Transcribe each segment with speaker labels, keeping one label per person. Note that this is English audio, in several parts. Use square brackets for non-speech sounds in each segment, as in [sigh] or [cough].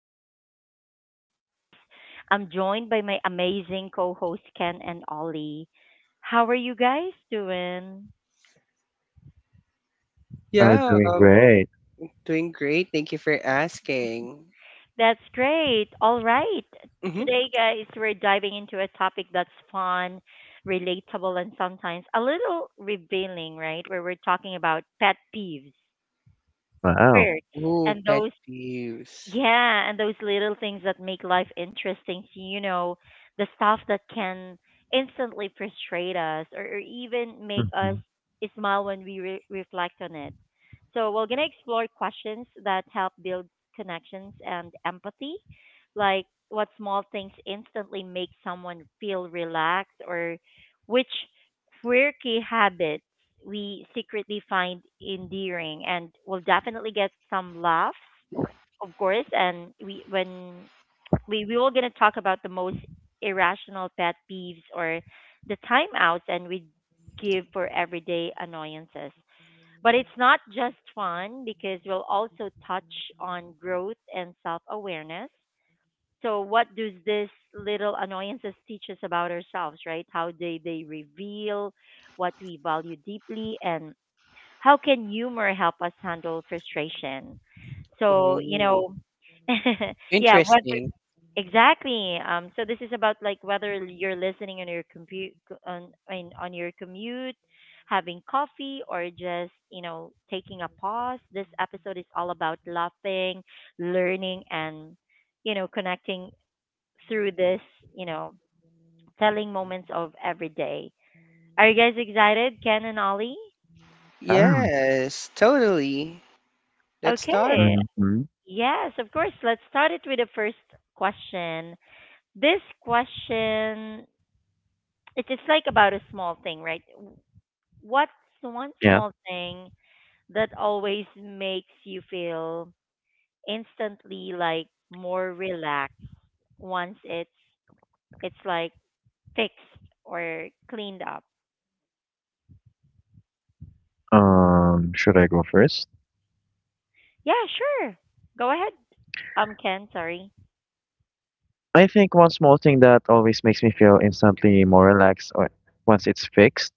Speaker 1: I'm MJ, and as always, I'm joined by my amazing co hosts Ken and Ollie. How are you guys doing?
Speaker 2: Are
Speaker 3: Yeah,
Speaker 2: doing great.
Speaker 3: doing great. Thank you for asking.
Speaker 1: That's great. All right.
Speaker 3: Mm-hmm.
Speaker 1: Today, guys, we're diving into a topic that's fun, relatable, and sometimes a little revealing, right? Where we're talking about pet peeves,
Speaker 2: Wow.
Speaker 1: quirks,
Speaker 3: Ooh,
Speaker 1: and
Speaker 3: pet
Speaker 1: those
Speaker 3: peeves.
Speaker 1: Yeah, and those little things that make life interesting. So, the stuff that can instantly frustrate us or even make us
Speaker 2: Mhm.
Speaker 1: smile when we reflect on it. So, we're going to explore questions that help build connections and empathy, like what small things instantly make someone feel relaxed or which quirky habits we secretly find endearing. And we'll definitely get some laughs of course, and we when we were gonna talk about the most irrational pet peeves or the timeouts and we give for everyday annoyances. But it's not just fun because we'll also touch on growth and self awareness. So what does this little annoyances teach us about ourselves, right? How they reveal what we value deeply and how can humor help us handle frustration? So,
Speaker 3: Ooh,
Speaker 1: [laughs] yeah,
Speaker 3: interesting.
Speaker 1: whether exactly. So this is about like whether you're listening on your compute on I mean, on your commute, having coffee, or just taking a pause. This episode is all about laughing, learning, and connecting through this you know telling moments of every day. Are you guys excited, Ken and Ollie?
Speaker 2: Yeah.
Speaker 3: Yes, totally. Let's start.
Speaker 1: Okay,
Speaker 2: Mhm.
Speaker 1: yes, of course. Let's start it with the first question. This question, it is like about a small thing, right? What's one
Speaker 2: Yeah.
Speaker 1: small thing that always makes you feel instantly like more relaxed once it's like fixed or cleaned up?
Speaker 2: Should I go first?
Speaker 1: Yeah, sure. Go ahead. Ken, sorry.
Speaker 2: I think one small thing that always makes me feel instantly more relaxed or once it's fixed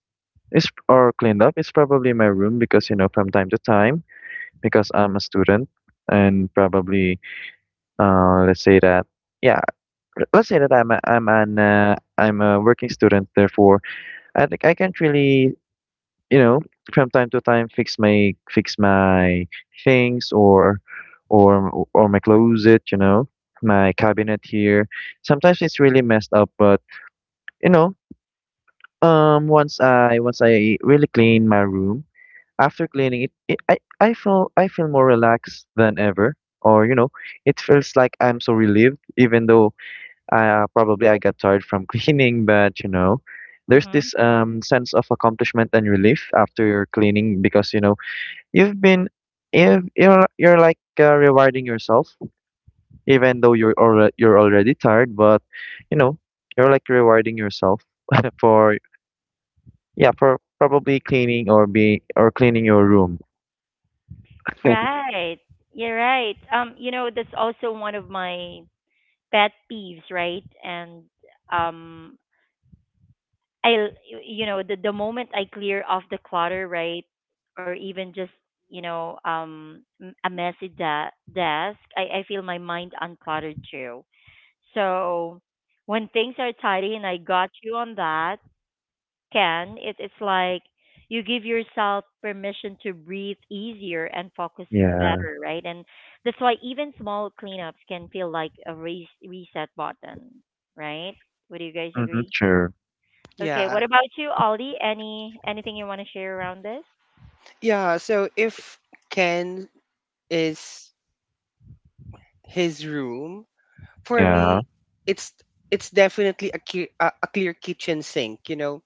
Speaker 2: is or cleaned up is probably my room because from time to time because I'm a student and probably let's say that yeah, let's say that I'm a working student, therefore I think I can't really, you know, from time to time fix my things or my closet, you know, my cabinet here. Sometimes it's really messed up, but you know, once I really clean my room, after cleaning it, I feel more relaxed than ever. Or you know, it feels like I'm so relieved, even though probably I got tired from [laughs] cleaning. But you know, there's
Speaker 1: Mm-hmm.
Speaker 2: this sense of accomplishment and relief after cleaning because you know you've been if you're like rewarding yourself even though you're already tired, but you know, you're like rewarding yourself [laughs] for yeah, for probably cleaning or be or cleaning your room.
Speaker 1: Right. You're right. That's also one of my pet peeves, right? And um, I, the moment I clear off the clutter, right, or even just a messy desk, I feel my mind uncluttered too. So when things are tidy, and I got you on that can, it's like you give yourself permission to breathe easier and focus
Speaker 2: Yeah.
Speaker 1: better, right? And that's why even small cleanups can feel like a reset button, right? Would you guys
Speaker 2: Mm-hmm,
Speaker 1: agree?
Speaker 2: sure.
Speaker 1: Okay,
Speaker 3: Yeah.
Speaker 1: what about you, Ollie? Anything you want to share around this?
Speaker 3: Yeah, so if Ken is his room, for
Speaker 2: Yeah.
Speaker 3: me, it's it's definitely a clear kitchen sink, you know.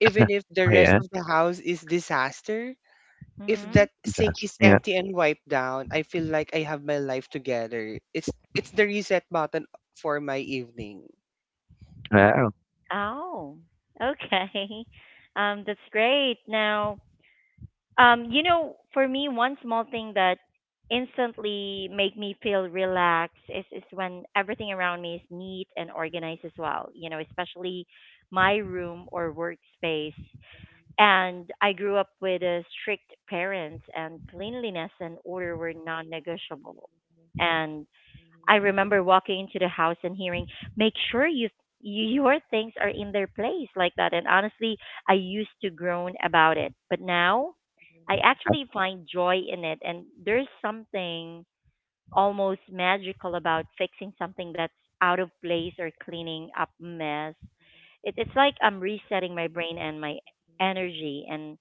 Speaker 3: Even if the
Speaker 2: Oh,
Speaker 3: rest
Speaker 2: yeah.
Speaker 3: of the house is disaster, if
Speaker 1: Mm-hmm.
Speaker 3: that sink
Speaker 2: That's
Speaker 3: is
Speaker 2: yeah.
Speaker 3: empty and wiped down, I feel like I have my life together. It's the reset button for my evening.
Speaker 2: Wow.
Speaker 1: Oh, okay. [laughs] That's great. Now, for me, one small thing that instantly make me feel relaxed is when everything around me is neat and organized as well, you know, especially my room or workspace. And I grew up with strict parents, and cleanliness and order were non negotiable. And I remember walking into the house and hearing, "Make sure you your things are in their place like that." And honestly, I used to groan about it, but now I actually find joy in it, and there's something almost magical about fixing something that's out of place or cleaning up mess. It's like I'm resetting my brain and my energy, and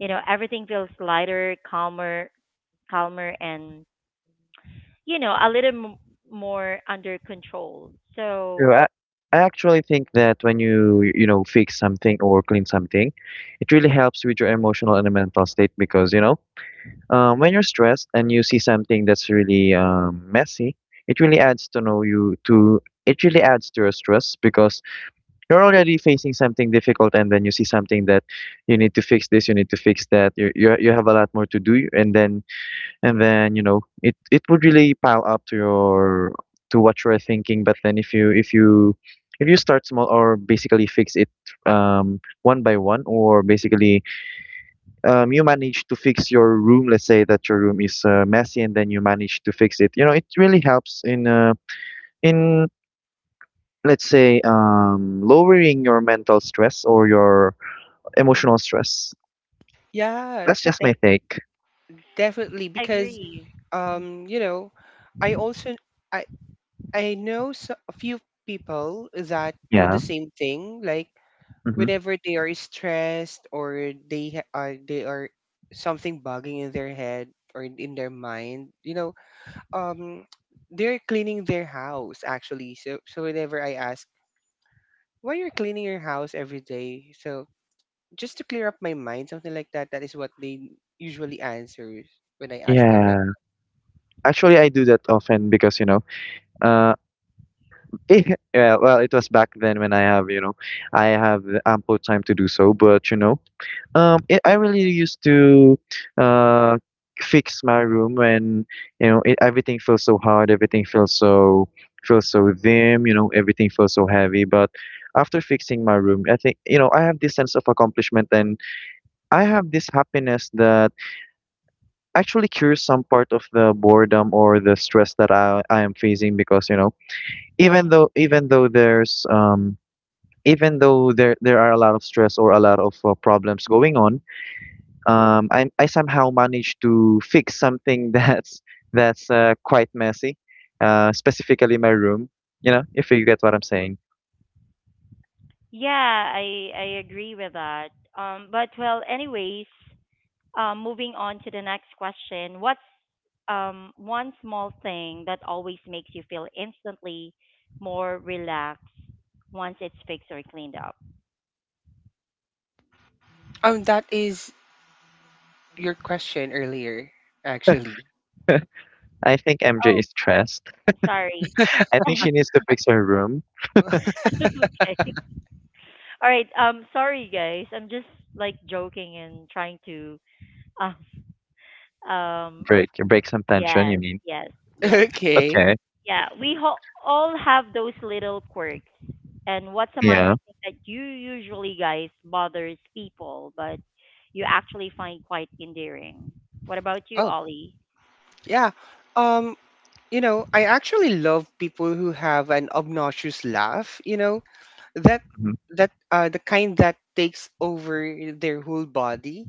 Speaker 1: everything feels lighter, calmer, and a little more under control. So,
Speaker 2: So I actually think that when you know fix something or clean something, it really helps with your emotional and mental state because you know, when you're stressed and you see something that's really messy, it really adds to know you to it really adds to your stress because you're already facing something difficult and then you see something that you need to fix this, you need to fix that. You have a lot more to do and then you know it it would really pile up to your to what you're thinking. But then if you start small or basically fix it, one by one, or basically, you manage to fix your room. Let's say that your room is messy, and then you manage to fix it. You know, it really helps in, in let's say, lowering your mental stress or your
Speaker 1: mm,
Speaker 2: emotional stress.
Speaker 3: Yeah,
Speaker 2: That's just
Speaker 3: de-
Speaker 2: my take.
Speaker 3: definitely, because
Speaker 1: agree. Mhm,
Speaker 3: um you know, I also I I know so, a few people that do
Speaker 2: Yeah.
Speaker 3: the same thing, like
Speaker 2: Hmm.
Speaker 3: whenever they are stressed or they are something bugging in their head or in their mind, um they're cleaning their house actually. So whenever I ask, while you're cleaning your house every day, so just to clear up my mind, something like that, that is what they usually answer when I ask them, like,
Speaker 2: Yeah. Actually, I do that often because you know, uh, [laughs] yeah. Well, it was back then when I have you know, I have ample time to do so. But you know, I really used to uh, fix my room when you know it, everything feels so hard, everything feels so dim, you know, everything feels so heavy. But after fixing my room, I think you know I have this sense of accomplishment and I have this happiness that actually cures some part of the boredom or the stress that I am facing because you know
Speaker 1: mhm.
Speaker 2: even though there's even though there are a lot of stress or a lot of problems going on, I somehow managed to fix something [laughs] that's quite messy, specifically my room. You know, if you get what I'm saying.
Speaker 1: Yeah, I agree with that. But well, anyways, moving on to the next question. What's one small thing that always makes you feel instantly more relaxed once it's fixed or cleaned up?
Speaker 3: that is your question earlier, actually.
Speaker 2: I think MJ
Speaker 1: Oh,
Speaker 2: is stressed.
Speaker 1: sorry.
Speaker 2: I think she needs to fix her room,
Speaker 3: [laughs]
Speaker 1: [laughs] okay. All right. Sorry guys. I'm just like joking and trying to um Um,
Speaker 2: break some tension. You
Speaker 1: yes,
Speaker 2: mean?
Speaker 1: yes, yes.
Speaker 3: Okay.
Speaker 2: Okay.
Speaker 1: Yeah, we all have those little quirks. And what's a minor
Speaker 2: Yeah.
Speaker 1: thing that you usually guys bothers people, but you actually find quite endearing? What about you,
Speaker 3: Oh,
Speaker 1: Ollie?
Speaker 3: yeah. Um, I actually love people who have an obnoxious laugh, you know, that
Speaker 2: Hmm.
Speaker 3: that the kind that takes over their whole body,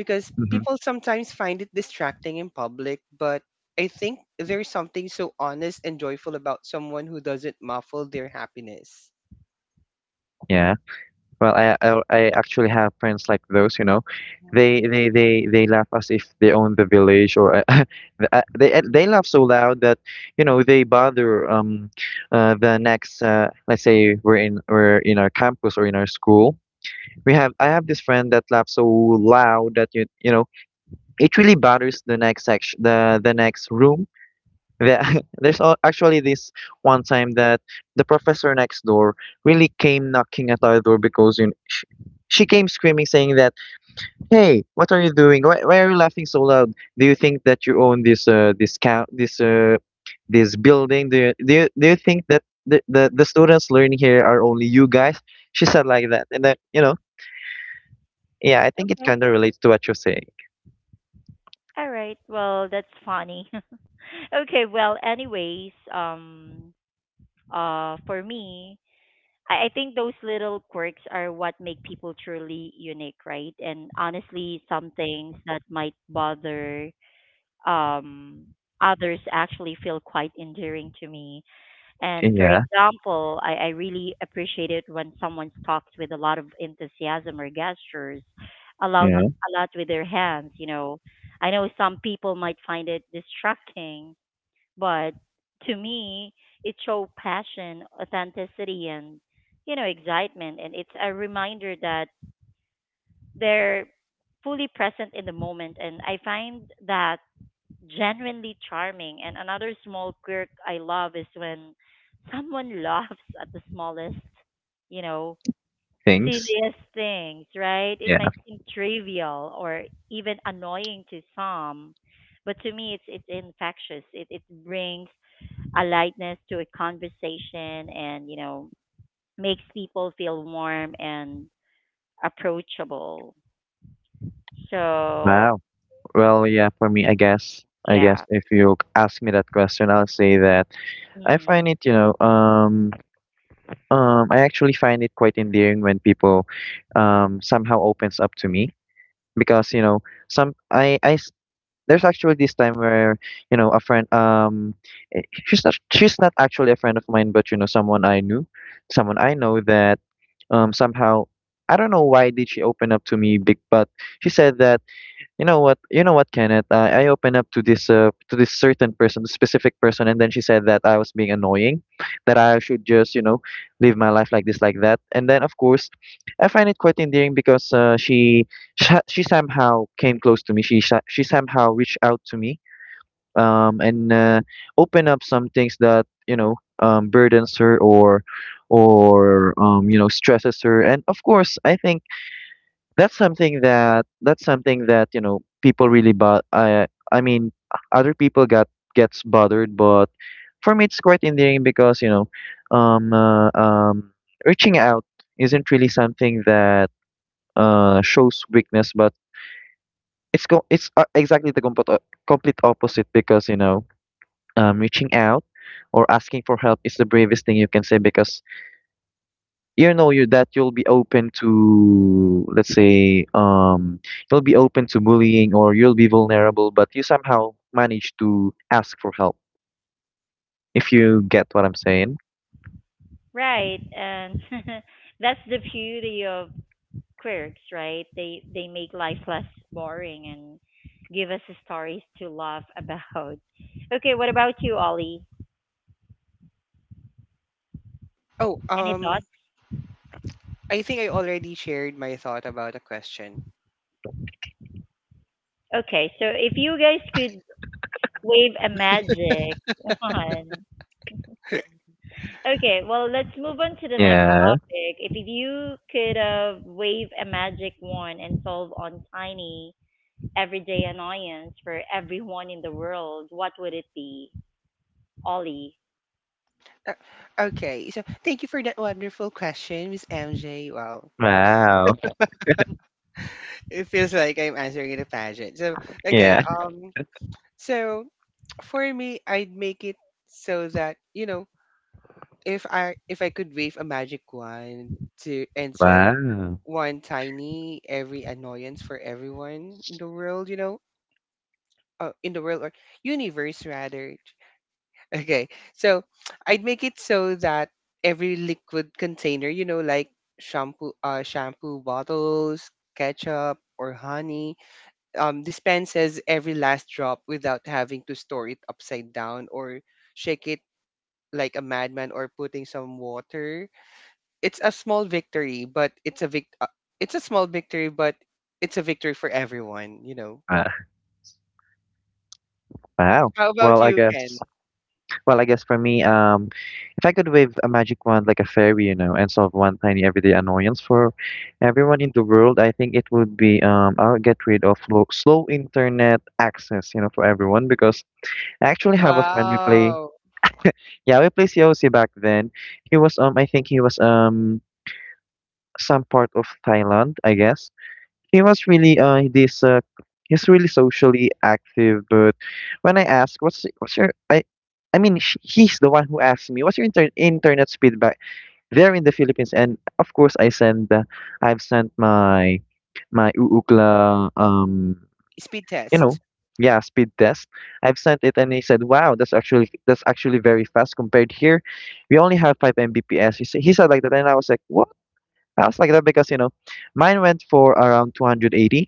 Speaker 3: because
Speaker 2: Hmm.
Speaker 3: people sometimes find it distracting in public, but I think there's something so honest and joyful about someone who doesn't muffle their happiness.
Speaker 2: Yeah. Well, I actually have friends like those, you know.
Speaker 1: Mhm.
Speaker 2: They laugh as if they own the village, or [laughs] they laugh so loud that, you know, they bother the next, let's say we're in our campus or in our school. We have I have this friend that laughs so loud that you know it really bothers the next section, the next room. the, [laughs] there's al- actually this one time that the professor next door really came knocking at our door because you sh she came screaming, saying that, "Hey, what are you doing? Why are you laughing so loud? Do you think that you own this this count this this building? Do you think that the students learning here are only you guys?" She said like that, and then you know yeah, I think it
Speaker 1: Okay.
Speaker 2: kind of relates to what you're saying.
Speaker 1: All right. Well, that's funny. [laughs] okay. Well, anyways, for me, I think those little quirks are what make people truly unique, right? And honestly, some things that might bother um, others actually feel quite endearing to me. And for
Speaker 2: Yeah,
Speaker 1: example, I really appreciate it when someone talks with a lot of enthusiasm or gestures,
Speaker 2: yeah,
Speaker 1: a lot with their hands. You know, I know some people might find it distracting, but to me, it shows passion, authenticity, and excitement, and it's a reminder that they're fully present in the moment. And I find that genuinely charming. And another small quirk I love is when someone [laughs] laughs at the smallest, you know,
Speaker 2: things.
Speaker 1: serious things, right? It
Speaker 2: Yeah.
Speaker 1: might seem trivial or even annoying to some, but to me, it's infectious. It brings a lightness to a conversation and, makes people feel warm and approachable. So,
Speaker 2: Wow. Well, yeah, for me, I guess
Speaker 1: yeah.
Speaker 2: if you ask me that question, I'll say that I
Speaker 1: Mm,
Speaker 2: find it, you know, I actually find it quite endearing when people, somehow opens up to me. Because you know some I s- there's actually this time where you know a friend, eh, she's not actually a friend of mine, but you know someone I knew, someone I know that somehow, I don't know why did she open up to me big, but she said that, you know what? You know what, Kenneth? I opened up to this certain person, specific person, and then she said that I was being annoying, that I should just, you know, live my life like this, like that. And then, of course, I find it quite endearing because she somehow came close to me. She somehow reached out to me, and opened up some things that you know burdens her or you know stresses her. And of course, I think that's something that you know people really, but I mean other people got gets bothered, but for me it's quite endearing because you know um uh, um reaching out isn't really something that shows weakness, but it's co- it's exactly the complete complete opposite, because you know reaching out or asking for help is the bravest thing you can say because you know you that you'll be open to, let's say you'll be open to bullying, or you'll be vulnerable, but you somehow manage to ask for help, if you get what I'm saying.
Speaker 1: right. And [laughs] that's the beauty of quirks, right? They make life less boring and give us stories to laugh [laughs] about. Okay, what about you, Ollie?
Speaker 3: Oh,
Speaker 1: Any thoughts?
Speaker 3: I think I already shared my thought about a question.
Speaker 1: Okay, so if you guys could wave a magic [laughs] wand. Okay, well, let's move on to the next
Speaker 2: Yeah.
Speaker 1: topic. If you could wave a magic wand and solve on tiny everyday annoyance for everyone in the world, what would it be? Ollie.
Speaker 3: Uh, Okay, so thank you for that wonderful question, Miss MJ. Wow,
Speaker 2: Wow.
Speaker 3: it feels like I'm answering in a pageant. So, okay,
Speaker 2: Yeah.
Speaker 3: so for me, I'd make it so that, you know, if I could wave a magic wand to and solve
Speaker 2: Wow.
Speaker 3: one tiny every annoyance for everyone in the world, in the world or universe rather. [laughs] Okay, so I'd make it so that every liquid container, you know, like shampoo, shampoo bottles, ketchup or honey, dispenses every last drop without having to store it upside down or shake it like a madman or putting some water. It's a small victory, but it's a small victory, but it's a victory for everyone, you know.
Speaker 2: Wow. Wow.
Speaker 3: How about
Speaker 2: well I
Speaker 3: you,
Speaker 2: guess
Speaker 3: Ken?
Speaker 2: Well, I guess for me, if I could wave a magic wand like a fairy, you know, and solve one tiny everyday annoyance for everyone in the world, I think it would be I'll get rid of slow internet access, you know, for everyone because I actually have a friend we play.
Speaker 3: Wow.
Speaker 2: Yeah, we play COC back then. He was I think he was some part of Thailand, I guess. He was really this he's really socially active, but when I asked what's your I mean sh he's the one who asked me what's your internet speed back there in the Philippines, and of course I send, I've sent my Uukla
Speaker 3: Speed
Speaker 2: you know,
Speaker 3: test.
Speaker 2: yeah, speed test. I've sent it, and he said wow, that's actually very fast compared here, we only have 5 mbps he said like that, and I was like what, I was like that because you know mine went for around 280,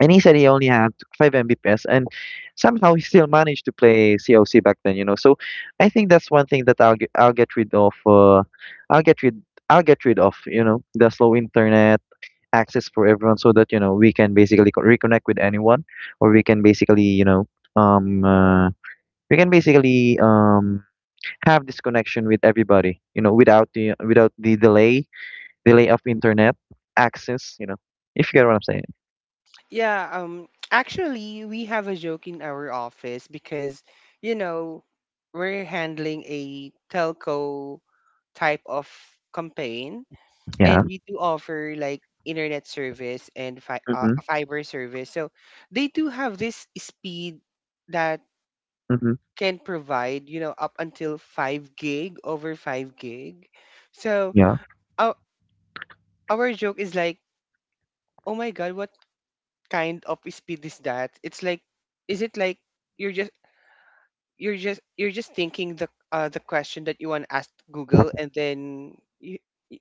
Speaker 2: and he said he only had 5 Mbps, and somehow [laughs] he still managed to play COC back then, you know. So I think that's one thing that I'll get rid of. I'll get rid I'll get rid of, you know, the slow internet access for everyone, so that you know we can basically reconnect with anyone, or we can basically, you know, um, uh, we can basically have this connection with everybody, you know, without the delay of internet access, you know. If you get what I'm saying.
Speaker 3: Yeah, actually we have a joke in our office because, you know, we're handling a telco type of campaign,
Speaker 2: Yeah.
Speaker 3: and we do offer like internet service and fi- uh,
Speaker 2: Mhm.
Speaker 3: fiber service. So they do have this speed that
Speaker 2: Mhm.
Speaker 3: can provide, you know, up until 5 gig, over 5 gig. So
Speaker 2: Yeah.
Speaker 3: our, our joke is like, oh my god, what kind of speed is that? It's like, is it like you're just you're just thinking the question that you want to ask Google, and then y-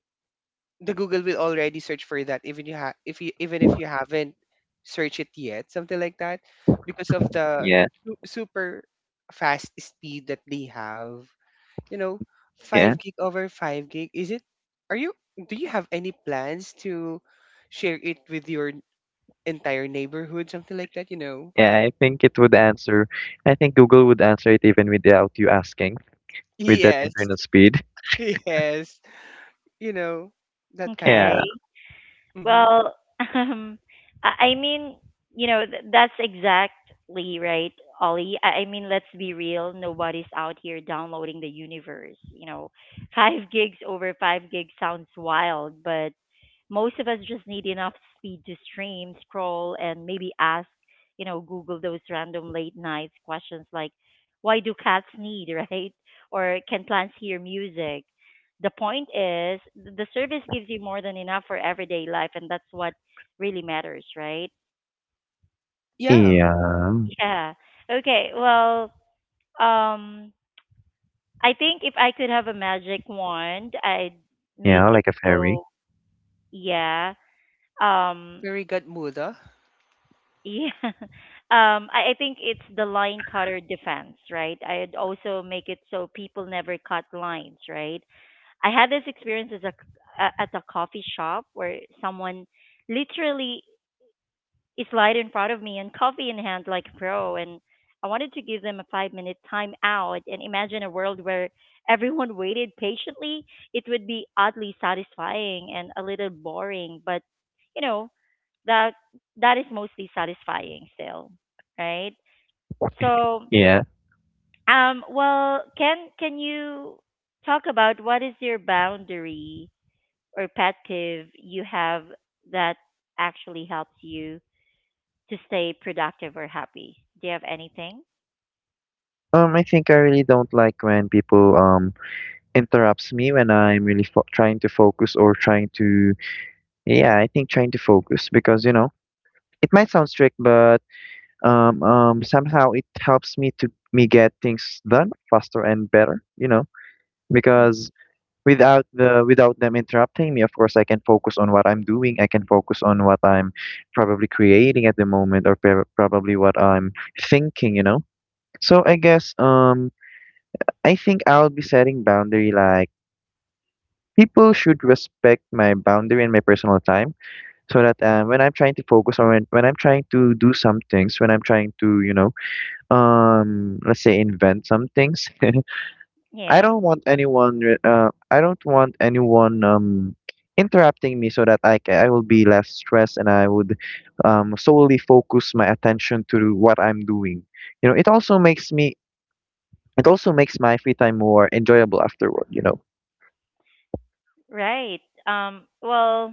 Speaker 3: the Google will already search for that even if you haven't searched it yet, something like that, because of the
Speaker 2: Yeah,
Speaker 3: super fast speed that they have, you know. Five
Speaker 2: yeah,
Speaker 3: gig over five gig. Is it? Are you? Do you have any plans to share it with your entire neighborhood, something like that? You know.
Speaker 2: yeah. I think it would answer. I think Google would answer it even without you asking, with that
Speaker 3: Yes.
Speaker 2: internet speed. [laughs]
Speaker 3: [laughs] Yes. You know that kind
Speaker 2: Yeah,
Speaker 3: of.
Speaker 1: Okay.
Speaker 3: Hmm.
Speaker 1: Well, [laughs] um, I I mean, that's exactly right, Ollie. I mean, let's be real. Nobody's out here downloading the universe. [laughs] 5 gigs over 5 gigs sounds wild, but most of us just need enough speed to stream, scroll, and maybe ask, Google those random late nights questions like, why do cats need, [laughs] right? Or can plants hear music? The point is the service gives you more than enough for everyday life, and that's what really matters, right?
Speaker 3: Yeah.
Speaker 2: yeah,
Speaker 1: [laughs] Yeah, okay, well, um I think if I could have a magic wand, I'd make
Speaker 2: yeah,
Speaker 1: it
Speaker 2: like a fairy.
Speaker 1: so. Yeah, um
Speaker 3: Very good muda.
Speaker 1: yeah. [laughs] I think it's the line cutter defense, right? I'd also make it so people never cut lines, right? I had this experience as a, c- a- at a coffee shop where someone literally slide in front of me and coffee in hand like a pro. And I wanted to give them a 5-minute time out and imagine a world where everyone [laughs] waited patiently. It would be oddly satisfying and a little boring, but you know, that that is mostly satisfying still, right? So,
Speaker 2: Yeah.
Speaker 1: well, can you talk about what is your boundary or pet peeve you have that actually helps you to stay productive or happy. Do you have anything?
Speaker 2: I think I really don't like when people interrupts me when I'm really fo trying to focus or trying to. Yeah, I think trying to focus because you know it might sound strict, but somehow it helps me get things done faster and better. You know because without the without them interrupting me, of course I can focus on what I'm doing, I can focus on what I'm probably creating at the moment, or probably what I'm thinking, you know. So I guess I think I'll be setting boundary like people should respect my boundary and my personal time, so that when I'm trying to when I'm trying to do some things, when I'm trying to you know, let's say invent some things. [laughs] I
Speaker 1: Yeah,
Speaker 2: don't want anyone I don't want anyone interrupting me, so that I will be less stressed, and I would solely focus my attention to what I'm doing. You know, it also makes me it also makes my free time more enjoyable afterward,
Speaker 1: right. Well,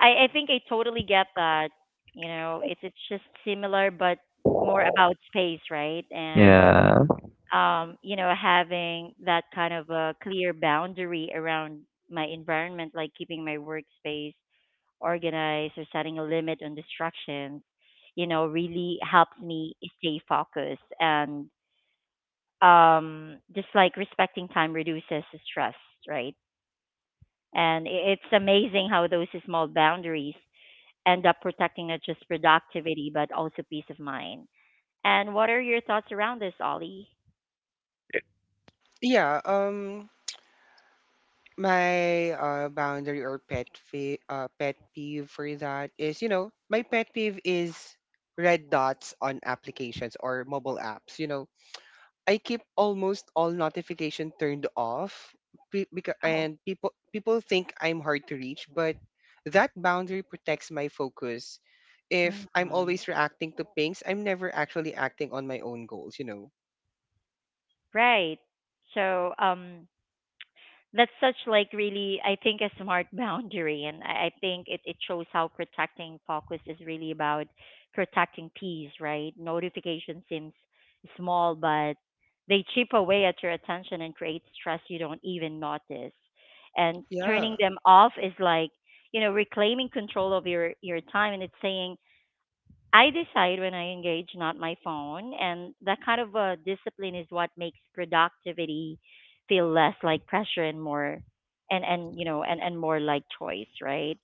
Speaker 1: I think I totally get that. You know, it's just similar but more about space, right? And
Speaker 2: Yeah. [laughs]
Speaker 1: having that kind of a clear boundary around my environment, like keeping my workspace organized or setting a limit on distractions, really helps me stay focused and just like respecting time reduces stress, right? And it's amazing how those small boundaries end up protecting not just productivity but also peace of mind. And what are your thoughts around this, Ollie?
Speaker 3: Yeah. My boundary or pet peeve for that is, my pet peeve is red dots on applications or mobile apps. You know, I keep almost all notification turned off,
Speaker 1: Oh,
Speaker 3: and people think I'm hard to reach, but that boundary protects my focus. If I'm
Speaker 1: mhm.
Speaker 3: always reacting to pings, I'm never actually acting on my own goals, you know.
Speaker 1: Right. So, that's such like really I think a smart [laughs] boundary, and I think it shows how protecting focus is really about protecting peace, right? Notification seems small but they chip away at your attention and create stress you don't even notice. And turning
Speaker 3: Yeah.
Speaker 1: them off is like, reclaiming control of your, time, and it's saying, I decide when I engage, not my phone. And that kind of discipline is what makes productivity feel less like pressure and more, and more like choice, right?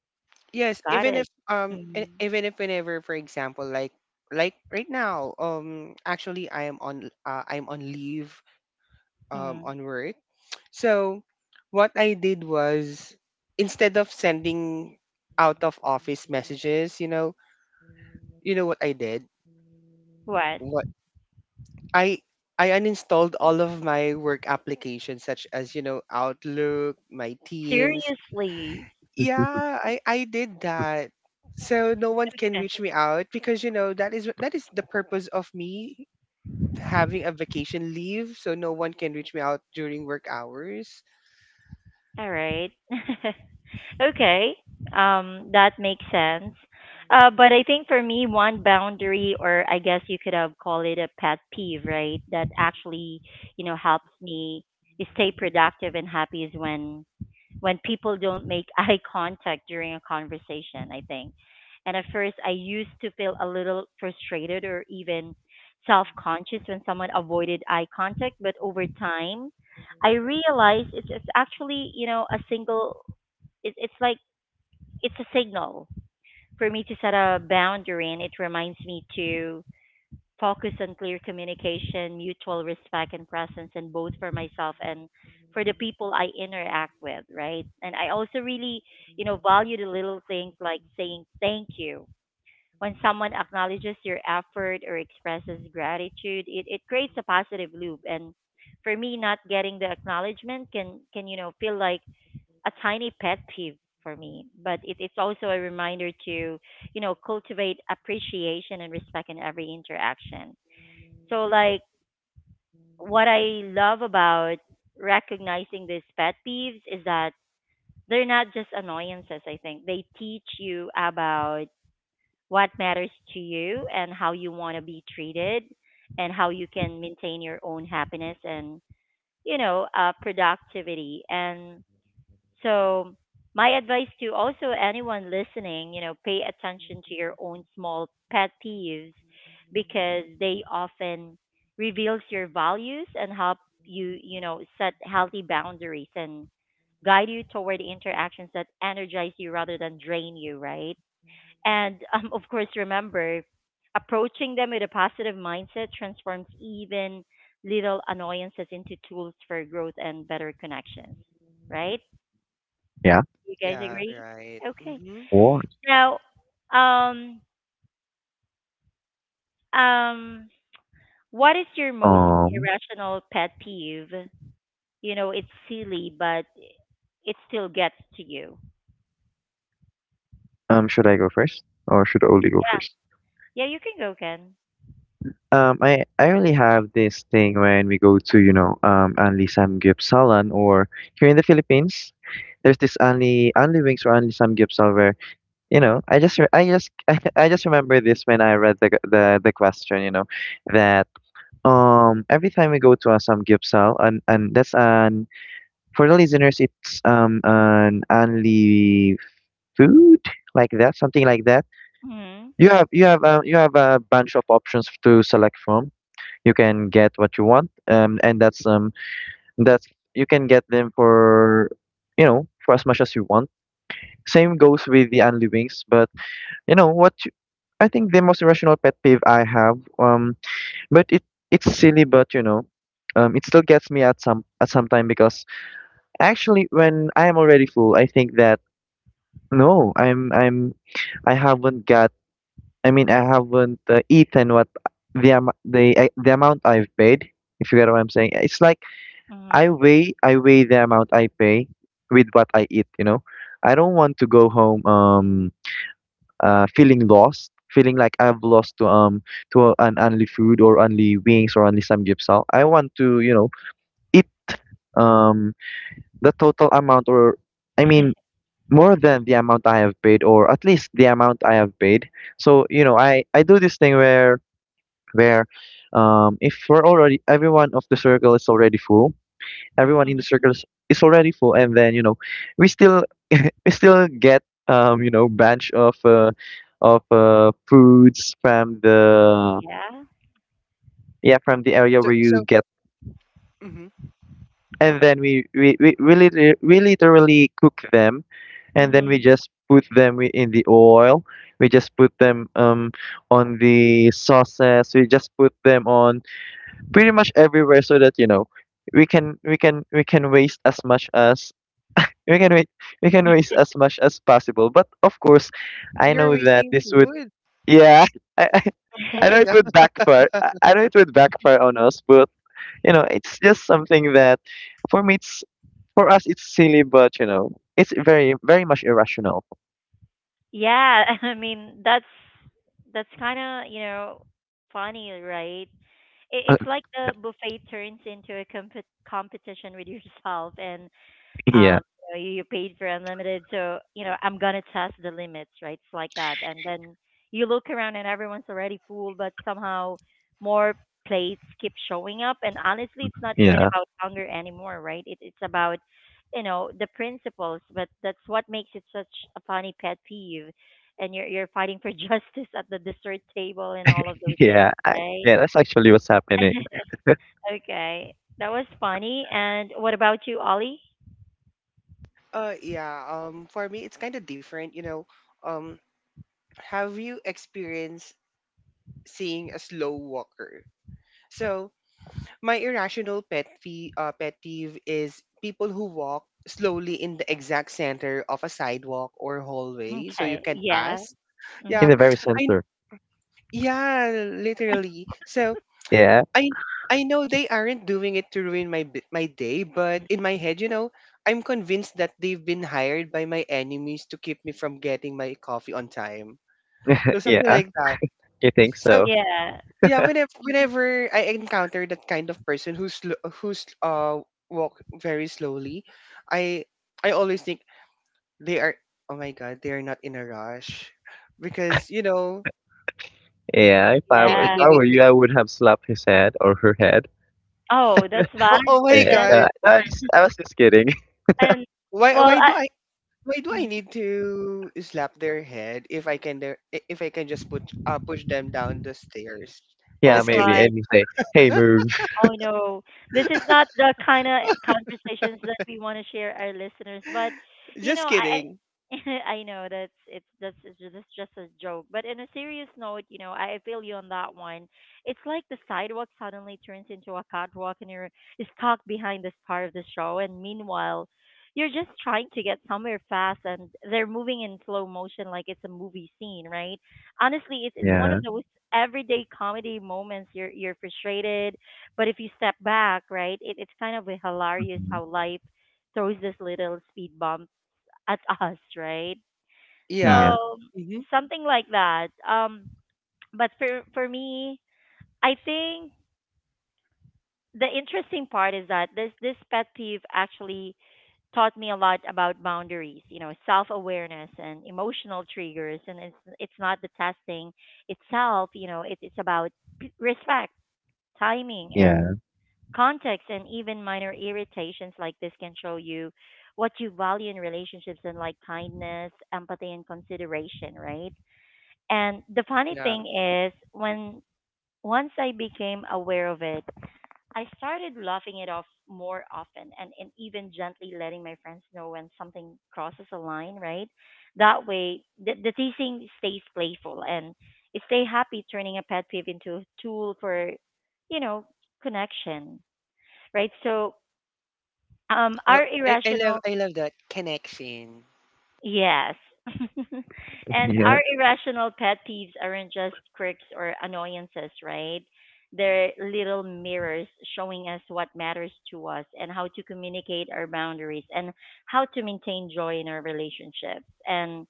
Speaker 3: Yes,
Speaker 1: Got
Speaker 3: even
Speaker 1: it.
Speaker 3: if
Speaker 1: Mm-hmm.
Speaker 3: whenever, for example, like right now, actually I'm on leave,
Speaker 1: Mm-hmm.
Speaker 3: on work. So what I did was, instead of sending out of office messages, you know what I did?
Speaker 1: What?
Speaker 3: What I I uninstalled all of my work applications, such as, Outlook, my Teams.
Speaker 1: Seriously.
Speaker 2: Mhm.
Speaker 3: Yeah, I did that. So no one can reach me
Speaker 1: [laughs]
Speaker 3: out, because that is the purpose of me having a vacation leave, so no one can reach me out during work hours.
Speaker 1: All right. [laughs] Okay, that makes sense. But I think for me, one boundary, or I guess you could have called it a pet peeve, right? That actually, helps me stay productive and happy is when people don't make [laughs] eye contact during a conversation, I think. And at first, I used to feel a little frustrated or even self conscious when someone avoided eye contact. But over time, I realized it's actually, a single, it's like, it's a signal for me to set a boundary. And it reminds me to focus on clear communication, mutual respect and presence, and both for myself and for the people I interact with, right? And I also really, value the little things like saying thank you. When someone acknowledges your effort or expresses gratitude, it creates a positive loop. And for me, not getting the acknowledgement can, feel like a tiny pet peeve for me. But it's also a reminder to, cultivate appreciation and respect in every interaction so like what I love about recognizing these pet peeves is that they're not just annoyances, I think. They teach you about what matters to you and how you want to be treated, and how you can maintain your own happiness and productivity. So, my advice to also anyone listening, pay attention to your own small pet peeves because they often reveals your values and help you, set healthy boundaries and guide you toward interactions that energize you rather than drain you, right? And [laughs] of course, remember approaching them with a positive mindset transforms even little annoyances into tools for growth and better connections, right?
Speaker 2: Yeah, of
Speaker 1: You guys
Speaker 3: Yeah,
Speaker 1: agree?
Speaker 3: right.
Speaker 1: Okay.
Speaker 3: Mhm.
Speaker 2: course.
Speaker 1: Now, um, um, what is your most
Speaker 2: Um,
Speaker 1: irrational pet peeve? You know, it's silly, but it still gets to you.
Speaker 2: should I go first or should Oli go
Speaker 1: Yeah.
Speaker 2: first?
Speaker 1: Yeah, you can go, Ken.
Speaker 2: I really have this thing when we go to, you know, Anli Samgyupsalan or here in the Philippines. There's this only only wings or only Sam gipsal where I just I just [laughs] I just remember this when I read the the question that every time we go to a some gipsal and that's an, for the listeners it's an only food, like that, something like that.
Speaker 1: Mhm.
Speaker 2: You have you have a bunch of options to select from. You can get what you want, and that's you can get them for for as much as you want. Same goes with the unliving's, but you know what? I think the most irrational pet peeve I have, but it it's silly, but it still gets me at some time because actually when I am already full, I think that no, I'm, I haven't got. I mean, I haven't eaten what the am the amount I've paid. If you get what I'm saying, it's like
Speaker 1: Mhm.
Speaker 2: I weigh the amount I pay with what I eat. You know, I don't want to go home. Feeling lost, feeling like I've lost to an only food or only wings or only samgyeopsal. I want to, you know, eat um the total amount, or I mean,
Speaker 1: [laughs]
Speaker 2: more than the amount I have paid, or at least the amount I have paid. So you know, I do this thing where if we're already everyone of the circle is already full, everyone in the circle is already full and then you know we still [laughs] we still get you know, bunch of foods from the,
Speaker 1: yeah.
Speaker 2: yeah, from the
Speaker 3: So
Speaker 2: area where
Speaker 3: so
Speaker 2: you get.
Speaker 3: mhm.
Speaker 2: And then we literally cook them, and then we
Speaker 1: Mhm.
Speaker 2: just put them in the oil, we just put them on the sauces, we just put them on pretty much everywhere, so that you know we can waste as much as we can wait we can waste as much as possible. But of course, I
Speaker 3: You're
Speaker 2: know that
Speaker 3: wasting
Speaker 2: this would,
Speaker 3: food.
Speaker 2: yeah, [laughs] i i,
Speaker 3: Oh
Speaker 2: I know
Speaker 3: my
Speaker 2: it
Speaker 3: god.
Speaker 1: [laughs]
Speaker 2: would
Speaker 3: [laughs]
Speaker 2: backfire. I know it would backfire on us, but you know, it's just something that for me it's for us it's silly, but you know, it's very very much irrational. [laughs]
Speaker 1: yeah, [laughs] I mean that's kind of, you know, funny, right? It's like the buffet turns into a competition with yourself, and
Speaker 2: Yeah.
Speaker 1: um you know, you paid for unlimited, so you know I'm gonna test the limits, right? It's like that. And then you look around and everyone's already full, but somehow more plates keep showing up, and honestly it's not even
Speaker 2: yeah
Speaker 1: about hunger anymore, right? It's about, you know, the principles. But that's what makes it such a funny pet peeve, and you're fighting for [laughs] justice at the dessert table and all of those things,
Speaker 2: yeah I,
Speaker 1: right?
Speaker 2: yeah, that's actually what's happening.
Speaker 1: [laughs] Okay, that was funny. And what about you, ollie?
Speaker 3: Yeah, for me it's kind of different, you know. Um have you experienced seeing a slow walker? So, my irrational pet peeve is people who walk slowly in the exact center of a sidewalk or hallway so you
Speaker 1: Okay,
Speaker 3: can
Speaker 1: yeah.
Speaker 3: pass.
Speaker 2: In
Speaker 3: Yeah.
Speaker 2: the
Speaker 1: Mhm.
Speaker 2: very
Speaker 3: I
Speaker 2: center.
Speaker 3: Yeah, literally. So,
Speaker 2: Yeah.
Speaker 3: I I know they aren't doing it to ruin my day, but in my head, you know, I'm convinced that they've been hired by my enemies to keep me from getting my coffee on time. So something
Speaker 2: Yeah,
Speaker 3: like that.
Speaker 2: you think
Speaker 3: So
Speaker 2: so?
Speaker 1: Yeah.
Speaker 3: yeah, whenever
Speaker 1: Mhm.
Speaker 3: whenever I encounter that kind of person who's walk very slowly, I I always think they are. Oh my god, they are not in a rush, because,
Speaker 2: Yeah, if
Speaker 3: maybe
Speaker 1: Yeah.
Speaker 2: I
Speaker 3: maybe,
Speaker 2: were
Speaker 3: may-
Speaker 2: you, I would have slapped his head or her head.
Speaker 1: Oh, that's bad.
Speaker 3: Oh my
Speaker 1: Ken.
Speaker 3: god,
Speaker 2: No, I was just kidding.
Speaker 1: And
Speaker 3: why
Speaker 1: well,
Speaker 3: why
Speaker 1: I.
Speaker 3: do Why do I
Speaker 1: mhm.
Speaker 3: need to slap their head? If I can just push them down the stairs?
Speaker 2: Yeah,
Speaker 1: Oh
Speaker 3: Just
Speaker 2: maybe.
Speaker 1: God.
Speaker 3: kidding.
Speaker 2: And you say, "Hey, move."
Speaker 1: Oh no, this is not the kind of conversations that we want to share our listeners. But
Speaker 3: [laughs]
Speaker 1: you know,
Speaker 3: Just kidding.
Speaker 1: I [laughs] I know that's it's just a joke. But in a serious note, you know, I feel you on that one. It's like the sidewalk suddenly turns into a catwalk, and you're stuck behind the star of the show, and meanwhile you're just trying to get somewhere fast, and they're moving in slow motion like it's a movie scene, right? Honestly, it's one
Speaker 2: Yeah.
Speaker 1: of those everyday comedy moments. You're frustrated, but if you step back, right, it's kind of hilarious
Speaker 2: Mhm.
Speaker 1: how life throws this little speed bump at [laughs] us, right?
Speaker 2: Yeah,
Speaker 1: So
Speaker 3: Yeah. Hmm.
Speaker 1: something like that. But for me, I think the interesting part is that this pet peeve actually taught me a lot about boundaries, you know, self awareness and emotional triggers, and it's not the testing itself, you know, it's about respect, timing,
Speaker 2: yeah.
Speaker 1: and context. And even minor irritations like this can show you what you value in relationships, and like kindness, empathy, and consideration, right? And the funny
Speaker 3: Yeah.
Speaker 1: thing is, when once I became aware of it, I started laughing it off more often, and even gently letting my friends know when something crosses a line, right? That way, the teasing stays playful and stay happy, turning a pet peeve into a tool for, you know, connection, right? So um,
Speaker 3: Well,
Speaker 1: our
Speaker 3: I, I love
Speaker 1: irrational,
Speaker 3: I love that connection.
Speaker 1: yes. [laughs] And
Speaker 2: Yeah.
Speaker 1: our irrational pet peeves aren't just quirks or annoyances, right? They're little mirrors showing us what matters to us and how to communicate our boundaries and how to maintain joy in our relationships. And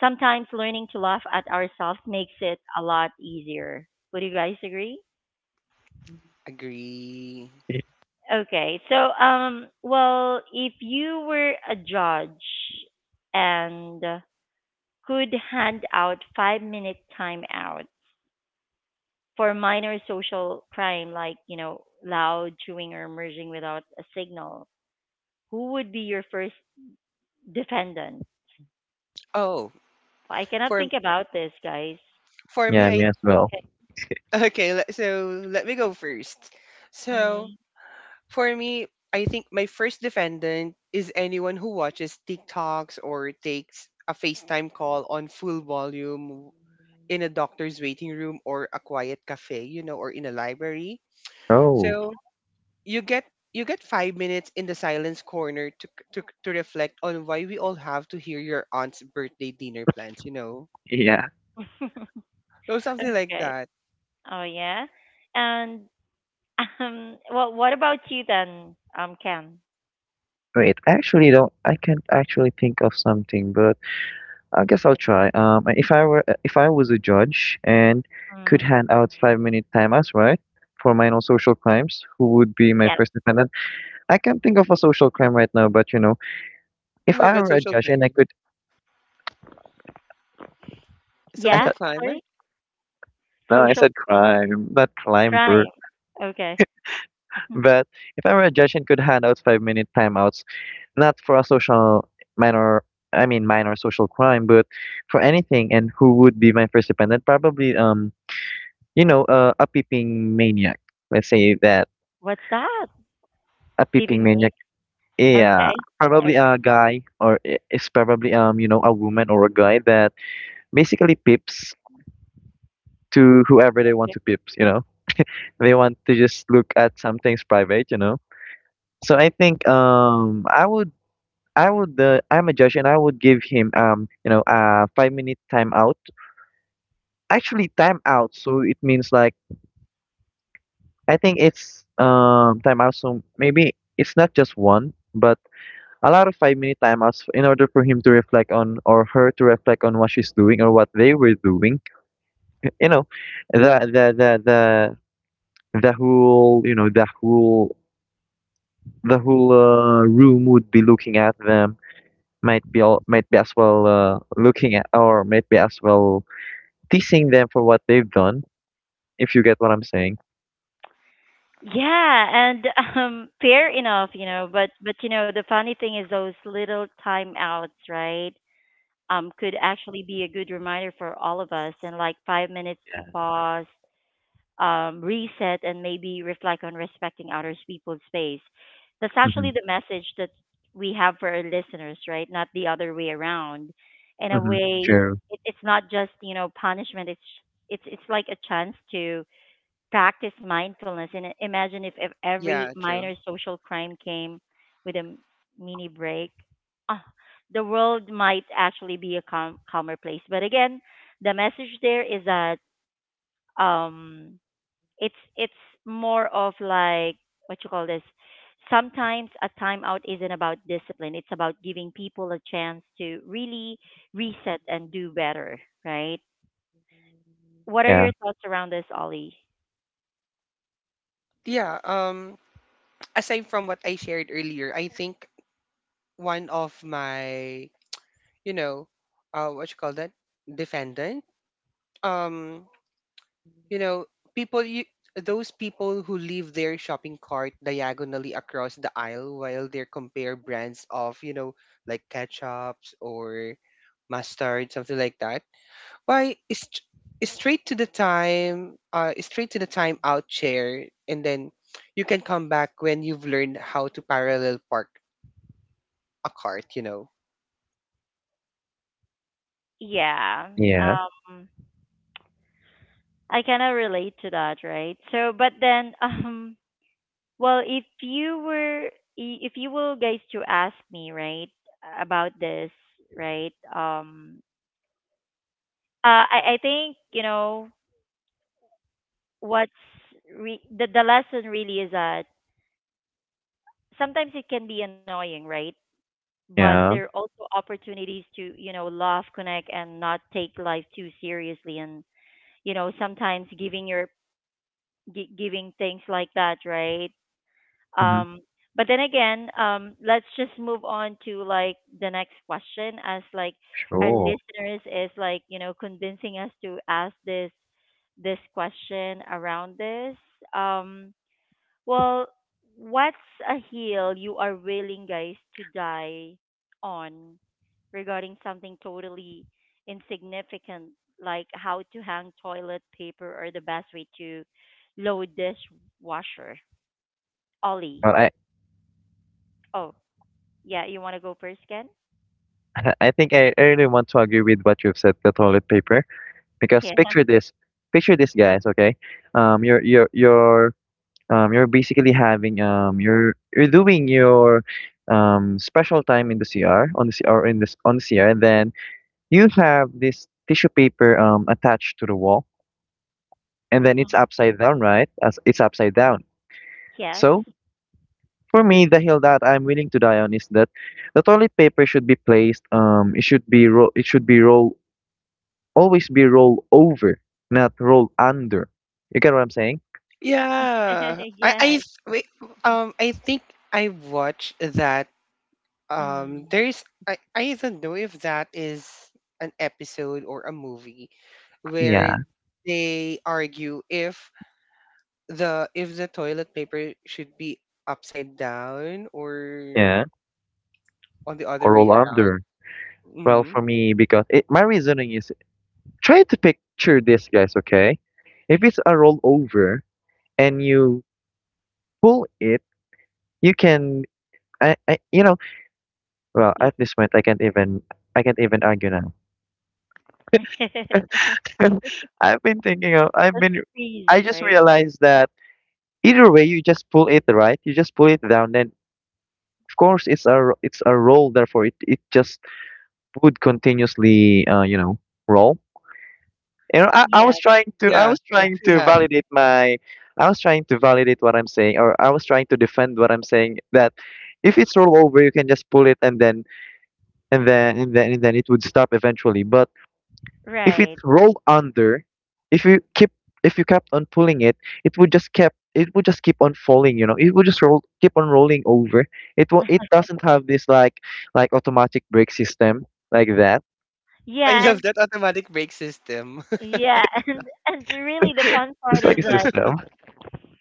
Speaker 1: sometimes learning to laugh at ourselves makes it a lot easier. Would you guys agree?
Speaker 3: Agree.
Speaker 2: y-
Speaker 1: Okay, so well, if you were a judge and could hand out five-minute timeouts for minor social crime like, you know, loud chewing or merging without a signal, who would be your first defendant?
Speaker 3: Oh,
Speaker 1: I cannot
Speaker 3: for
Speaker 1: think about this, guys.
Speaker 3: for me,
Speaker 2: Yeah,
Speaker 3: I
Speaker 2: me as well.
Speaker 3: [laughs] okay. So let me go first. So
Speaker 1: Mm.
Speaker 3: for me, I think my first defendant is anyone who watches TikToks or takes a FaceTime call on full volume in a doctor's waiting room or a quiet cafe, you know, or in a library.
Speaker 2: Oh.
Speaker 3: So you get you get 5 minutes in the silence corner to reflect on why we all have to hear your aunt's birthday dinner plans, you know,
Speaker 2: Yeah.
Speaker 1: [laughs]
Speaker 3: or something like
Speaker 1: okay.
Speaker 3: that.
Speaker 1: Oh yeah. And well what about you then, Ken?
Speaker 2: Wait. I actually don't. I can't actually think of something, but I guess I'll try. If I were, if I was a judge and could
Speaker 1: Mm.
Speaker 2: hand out five-minute timeouts, right, for minor social crimes, who would be
Speaker 1: Yeah.
Speaker 2: my first defendant? I can't think of a social crime right now, but you know, if
Speaker 3: Oh my
Speaker 2: I
Speaker 3: god,
Speaker 2: were a
Speaker 3: social
Speaker 2: judge and I
Speaker 3: climber,
Speaker 2: could, [laughs] I
Speaker 1: Yeah?
Speaker 3: social
Speaker 2: thought,
Speaker 1: Sorry?
Speaker 3: climber.
Speaker 2: no, I
Speaker 1: Social
Speaker 2: said crime, not
Speaker 1: crime.
Speaker 2: climber.
Speaker 1: Okay. [laughs]
Speaker 2: But if I were a judge and could hand out 5-minute timeouts, not for a social minor, I mean minor social crime, but for anything, and who would be my first defendant? Probably, you know, a peeping maniac. Let's say that,
Speaker 1: What's that?
Speaker 2: a
Speaker 1: Peeping
Speaker 2: peeping
Speaker 1: me?
Speaker 2: maniac. Yeah,
Speaker 1: Okay.
Speaker 2: probably
Speaker 1: Okay.
Speaker 2: a guy, or it's probably you know, a woman or a guy that basically peeps to whoever they want
Speaker 1: Yeah.
Speaker 2: to peeps. You know, they want to just look at something's private. You know, so I think I would, I'm a judge and I would give him, you know, a 5-minute timeout. Actually timeout, so it means like, I think it's timeout. So maybe it's not just one, but a lot of 5-minute timeouts in order for him to reflect on, or her to reflect on what she's doing or what they were doing. You know, the the the the the whole you know the whole room would be looking at them. Might be all, might be as well looking at, or might be as well teasing them for what they've done, if you get what I'm saying.
Speaker 1: Yeah, and [laughs] fair enough, you know. But you know, the funny thing is those little timeouts, right? Could actually be a good reminder for all of us, and like five minutes to pause, reset, and maybe reflect on respecting other people's space. That's
Speaker 2: Mm-hmm.
Speaker 1: actually the message that we have for our listeners, right? Not the other way around. In a
Speaker 2: Mm-hmm.
Speaker 1: way,
Speaker 2: True.
Speaker 1: it's not just, you know, punishment. It's like a chance to practice mindfulness. And imagine if, every
Speaker 3: Yeah,
Speaker 1: minor
Speaker 3: true.
Speaker 1: social crime came with a mini break. Ah, the world might actually be a calmer place. But again, the message there is that um it's more of like, what you call this, sometimes a timeout isn't about discipline, it's about giving people a chance to really reset and do better, right? What are
Speaker 2: Yeah.
Speaker 1: your thoughts around this, ollie?
Speaker 3: Yeah. Aside from what I shared earlier, I think one of my, you know, what you call that, defendant. Um. You know, people you those people who leave their shopping cart diagonally across the aisle while they compare brands of, like ketchups or mustard, something like that. Why is straight to the time out chair, and then you can come back when you've learned how to parallel park a cart, you know.
Speaker 1: Yeah.
Speaker 2: Yeah.
Speaker 1: Um, I kind of relate to that, right? So, but then, [laughs] well, if you were guys to ask me, right, about this, right, I think, you know, what's the lesson really is that sometimes it can be annoying, right? But there are
Speaker 2: Yeah.
Speaker 1: also opportunities to, you know, laugh, connect, and not take life too seriously. And, you know, sometimes giving things like that, right?
Speaker 2: Mm-hmm.
Speaker 1: Um, but then again, let's just move on to like the next question, as like our
Speaker 2: Sure.
Speaker 1: listeners is like, you know, convincing us to ask this question around this. Um, well, what's a hill you are willing, guys, to die on regarding something totally insignificant, like how to hang toilet paper or the best way to load dishwasher? Ollie.
Speaker 2: Well, I
Speaker 1: Oh, yeah, you want to go first, Ken?
Speaker 2: [laughs] I think I really want to agree with what you've said, the toilet paper, because
Speaker 1: Yeah.
Speaker 2: picture this, guys. Okay, um, you're you're you're you're basically having, you're doing your special time in the CR, on the C, or in this on the CR, and then you have this tissue paper attached to the wall, and then it's
Speaker 1: hmm
Speaker 2: upside down, right? As it's upside down.
Speaker 1: Yes.
Speaker 2: So for me, the hill that I'm willing to die on is that the toilet paper should be placed. It should be it should be roll, always be roll over, not roll under. You get what I'm saying?
Speaker 3: Yeah,
Speaker 1: [laughs] yes.
Speaker 3: wait, I think I watched that. um
Speaker 1: Mm.
Speaker 3: there is I, I don't know if that is an episode or a movie where
Speaker 2: Yeah.
Speaker 3: they argue if the toilet paper should be upside down or
Speaker 2: Yeah,
Speaker 3: on the other
Speaker 2: or
Speaker 3: way
Speaker 2: roll
Speaker 3: around.
Speaker 2: under. Well,
Speaker 3: Hmm.
Speaker 2: for me, because it, my reasoning is, try to picture this, guys. Okay, if it's a roll over and you pull it, you can. I, you know, well,
Speaker 1: Yeah.
Speaker 2: at this point, I can't even argue now.
Speaker 1: [laughs]
Speaker 2: [laughs] I've been thinking of, I've
Speaker 1: That's a
Speaker 2: been,
Speaker 1: freeze,
Speaker 2: I just
Speaker 1: right?
Speaker 2: realized that either way, you just pull it, right? You just pull it down. Then, of course, it's a, it's a roll. Therefore, it just would continuously, you know, roll. You know, I
Speaker 1: Yeah.
Speaker 2: was trying to, I
Speaker 3: Yeah,
Speaker 2: was
Speaker 3: [laughs]
Speaker 2: trying to
Speaker 3: yeah.
Speaker 2: validate my, I was trying to validate what I'm saying, or I was trying to defend what I'm saying, that if it's roll over, you can just pull it, and then, and then it would stop eventually. But if it
Speaker 1: Right.
Speaker 2: rolled under, if you keep if you kept on pulling it, it would just kept it would just keep on falling, you know. It would just roll keep on rolling over. It doesn't have this like automatic brake system like that.
Speaker 3: I
Speaker 1: Yeah,
Speaker 3: love
Speaker 1: and
Speaker 3: that automatic brake system.
Speaker 1: yeah, [laughs] and really the fun
Speaker 2: It's
Speaker 1: part
Speaker 2: like
Speaker 1: is
Speaker 2: a
Speaker 1: that
Speaker 2: system.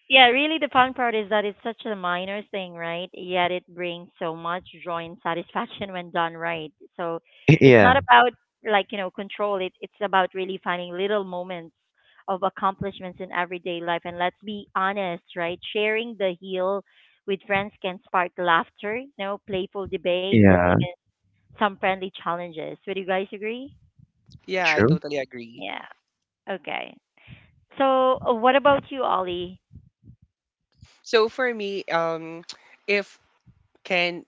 Speaker 1: yeah, really, the fun part is that it's such a minor thing, right? Yet it brings so much joy and satisfaction when done right. So
Speaker 2: [laughs]
Speaker 1: it's
Speaker 2: Yeah.
Speaker 1: not about like, you know, control. It's about really finding little moments of accomplishments in everyday life. And let's be honest, right? Sharing the heel with friends can spark laughter, you know, playful debates, and
Speaker 2: Yeah.
Speaker 1: even some friendly challenges. Would you guys agree?
Speaker 3: [laughs] Yeah, I
Speaker 2: True.
Speaker 3: totally agree.
Speaker 1: Yeah. Okay. So what about you, Ollie?
Speaker 3: So for me, [tsk] if Ken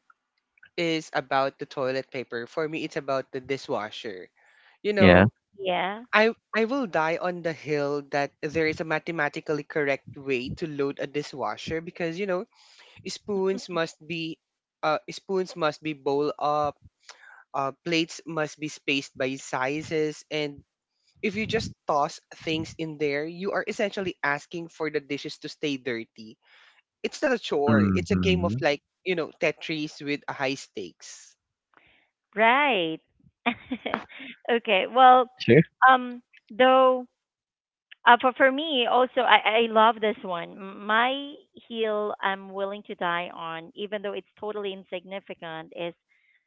Speaker 3: is about the toilet paper, for me it's about the dishwasher. You
Speaker 2: Yeah.
Speaker 3: know,
Speaker 1: Yeah.
Speaker 3: I will die on the hill that there is a mathematically correct way to load a dishwasher, because, spoons must be spoons must be bowl up, plates must be spaced by sizes, and if you just toss things in there, you are essentially asking for the dishes to stay dirty. It's not a chore. It's a game of,
Speaker 2: Mm-hmm.
Speaker 3: like, Tetris with high stakes.
Speaker 1: Right. [laughs] okay. Well,
Speaker 2: True.
Speaker 1: um, though, for me also, I love this one. M- My heel, I'm willing to die on, even though it's totally insignificant, is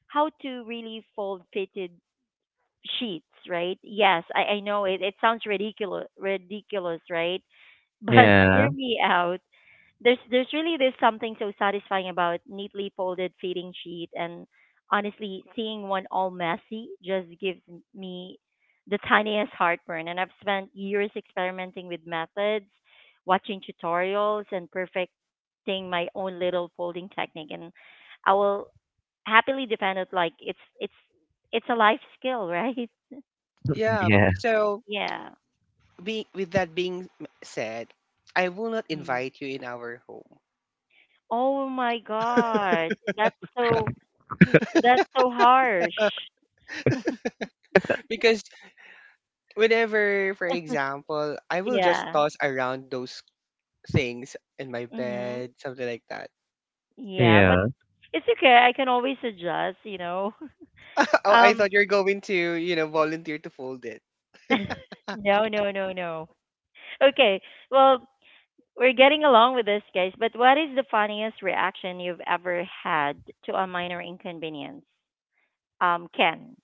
Speaker 1: how to really fold fitted sheets. Right? Yes, I know it. It sounds ridiculous, right? [laughs] But
Speaker 2: Yeah.
Speaker 1: hear me out. There's really this something so satisfying about neatly folded feeding sheet, and honestly seeing one all messy just gives me the tiniest heartburn. And I've spent years experimenting with methods, watching tutorials and perfecting my own little folding technique, and I will happily defend it like it's a life skill, [laughs] right?
Speaker 3: Yeah.
Speaker 2: Yeah.
Speaker 3: So,
Speaker 1: Yeah.
Speaker 3: with that being said, I will not
Speaker 1: Mhm.
Speaker 3: invite you in our home,
Speaker 1: Oh my god, that's so harsh.
Speaker 3: because whenever, for example, I will just
Speaker 1: Yeah.
Speaker 3: toss around those things in my
Speaker 1: Mhm.
Speaker 3: bed, something like that.
Speaker 1: Yeah, but
Speaker 2: Yeah.
Speaker 1: it's okay. I can always adjust, you know. [laughs]
Speaker 3: [laughs] Oh, I
Speaker 1: Um
Speaker 3: thought you're going to, volunteer to fold it.
Speaker 1: [laughs] no, no. Okay. Well, we're getting along with this, guys, but what is the funniest reaction you've ever had to a minor inconvenience? Ken.